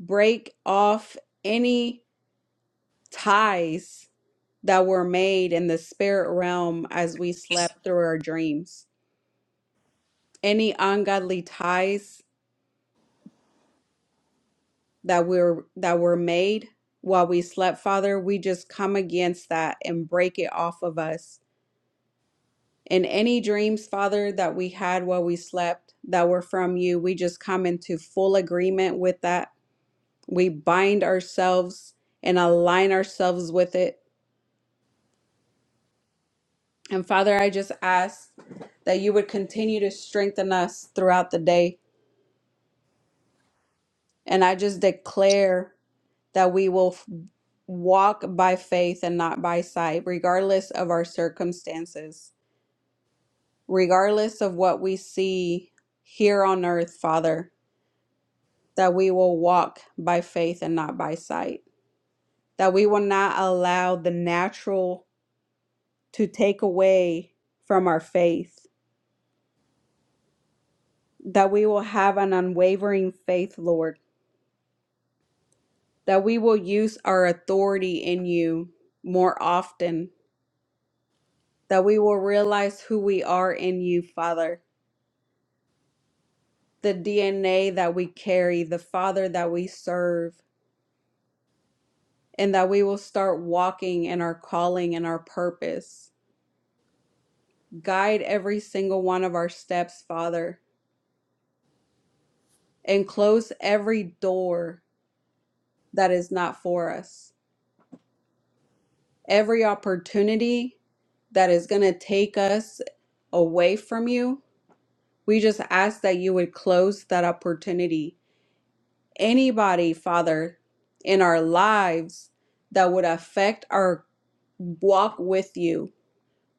[SPEAKER 2] break off any ties that were made in the spirit realm as we slept through our dreams. Any ungodly ties that we're that were made while we slept, Father. We just come against that and break it off of us. And any dreams, Father, that we had while we slept that were from you, we just come into full agreement with that. We bind ourselves and align ourselves with it. And Father, I just ask that you would continue to strengthen us throughout the day. And I just declare that we will f- walk by faith and not by sight, regardless of our circumstances, regardless of what we see here on earth, Father, that we will walk by faith and not by sight, that we will not allow the natural to take away from our faith, that we will have an unwavering faith, Lord, that we will use our authority in you more often, that we will realize who we are in you, Father the DNA that we carry, the Father that we serve, and that we will start walking in our calling and our purpose. Guide every single one of our steps, Father, and close every door that is not for us, every opportunity that is going to take us away from you. We just ask that you would close that opportunity anybody, Father, in our lives that would affect our walk with you.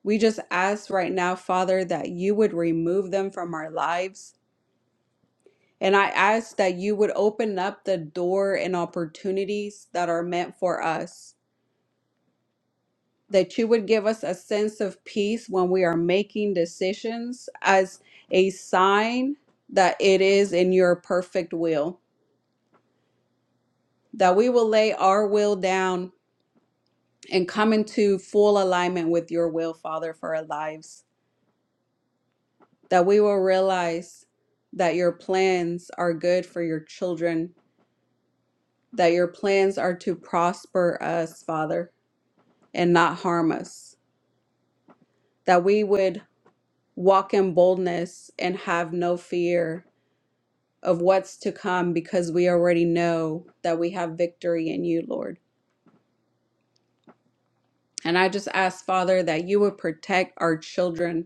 [SPEAKER 2] We just ask right now, Father, that you would remove them from our lives. And I ask that you would open up the door and opportunities that are meant for us. That you would give us a sense of peace when we are making decisions as a sign that it is in your perfect will. That we will lay our will down and come into full alignment with your will, Father, for our lives, that we will realize that your plans are good for your children, that your plans are to prosper us, Father, and not harm us, that we would walk in boldness and have no fear of what's to come because we already know that we have victory in you, Lord. And I just ask, Father, that you would protect our children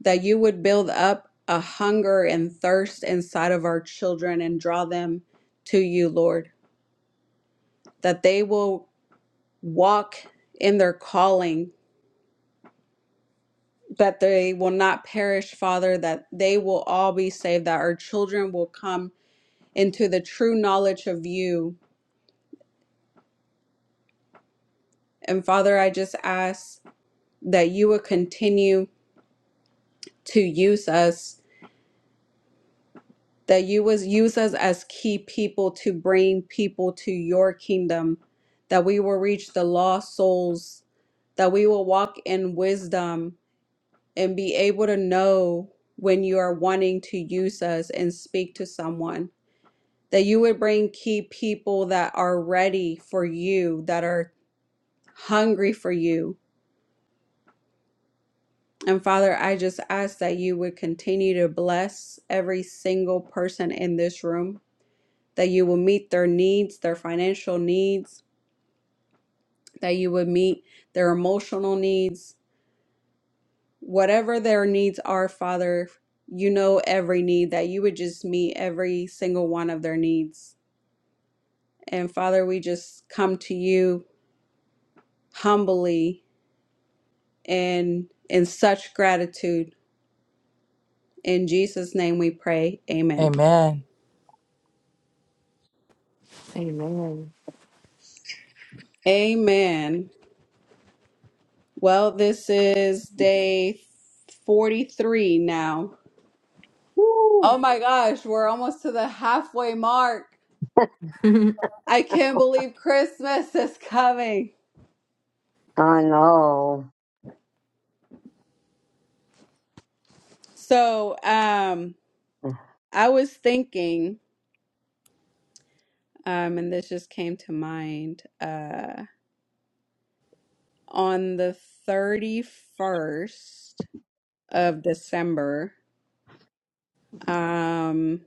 [SPEAKER 2] that you would build up a hunger and thirst inside of our children and draw them to you, Lord, that they will walk in their calling, that they will not perish, Father, that they will all be saved, that our children will come into the true knowledge of you. And Father, I just ask that you would continue to use us that you would use us as key people to bring people to your kingdom, that we will reach the lost souls, that we will walk in wisdom and be able to know when you are wanting to use us and speak to someone. That you would bring key people that are ready for you, that are hungry for you. And Father, I just ask that you would continue to bless every single person in this room that you will meet their needs, their financial needs, that you would meet their emotional needs, whatever their needs are, Father. You know every need, that you would just meet every single one of their needs. And Father, we just come to you humbly and in such gratitude. In Jesus' name we pray. Amen.
[SPEAKER 3] Amen.
[SPEAKER 5] Amen.
[SPEAKER 2] Amen. Well, this is day 43 now Oh my gosh, we're almost to the halfway mark. I can't believe Christmas is coming.
[SPEAKER 1] I know.
[SPEAKER 2] So, um, I was thinking, um, and this just came to mind, uh, on the 31st of December, um,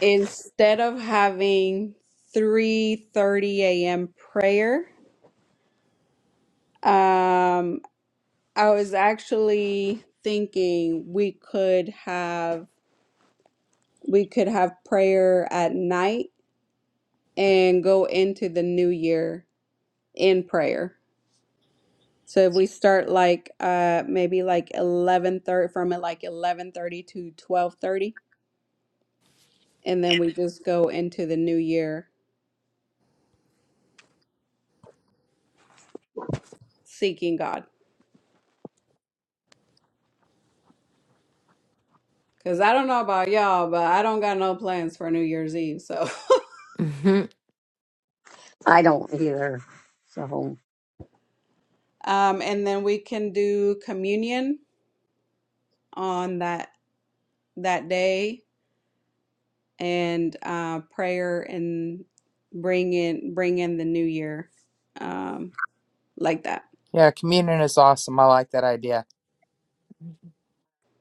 [SPEAKER 2] instead of having 3:30 a.m. prayer, um, I was actually thinking we could have we could have prayer at night and go into the new year in prayer. So if we start like uh maybe like 11:30 from it like 11:30 to 12:30 and then we just go into the new year seeking God. Cuz I don't know about y'all, but I don't got no plans for New Year's Eve. So
[SPEAKER 1] I don't either. So,
[SPEAKER 2] um and then we can do communion on that that day and uh, prayer and bring in bring in the new year um, like that.
[SPEAKER 3] Yeah, communion is awesome. I like that idea.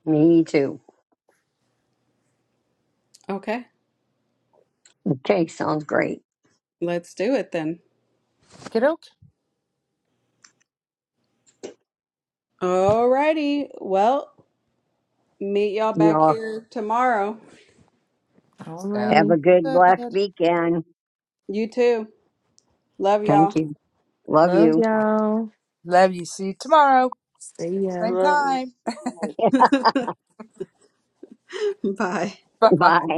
[SPEAKER 1] me too.
[SPEAKER 2] Okay,
[SPEAKER 1] Okay, sounds great.
[SPEAKER 2] let's do it then.
[SPEAKER 3] Okay, doke.
[SPEAKER 2] Alrighty. Well, meet y'all back
[SPEAKER 1] Y'all
[SPEAKER 2] here tomorrow.
[SPEAKER 3] Sounds
[SPEAKER 1] have a
[SPEAKER 5] Alrighty.
[SPEAKER 1] good, blessed
[SPEAKER 3] good.
[SPEAKER 1] weekend.
[SPEAKER 2] You too. Love
[SPEAKER 1] Thank
[SPEAKER 2] y'all.
[SPEAKER 1] you. Love
[SPEAKER 5] Love
[SPEAKER 1] you.
[SPEAKER 5] y'all.
[SPEAKER 3] Love you. See you tomorrow.
[SPEAKER 5] See ya.
[SPEAKER 3] Same
[SPEAKER 4] Love
[SPEAKER 3] time.
[SPEAKER 2] Bye.
[SPEAKER 3] Bye bye.
[SPEAKER 1] Bye.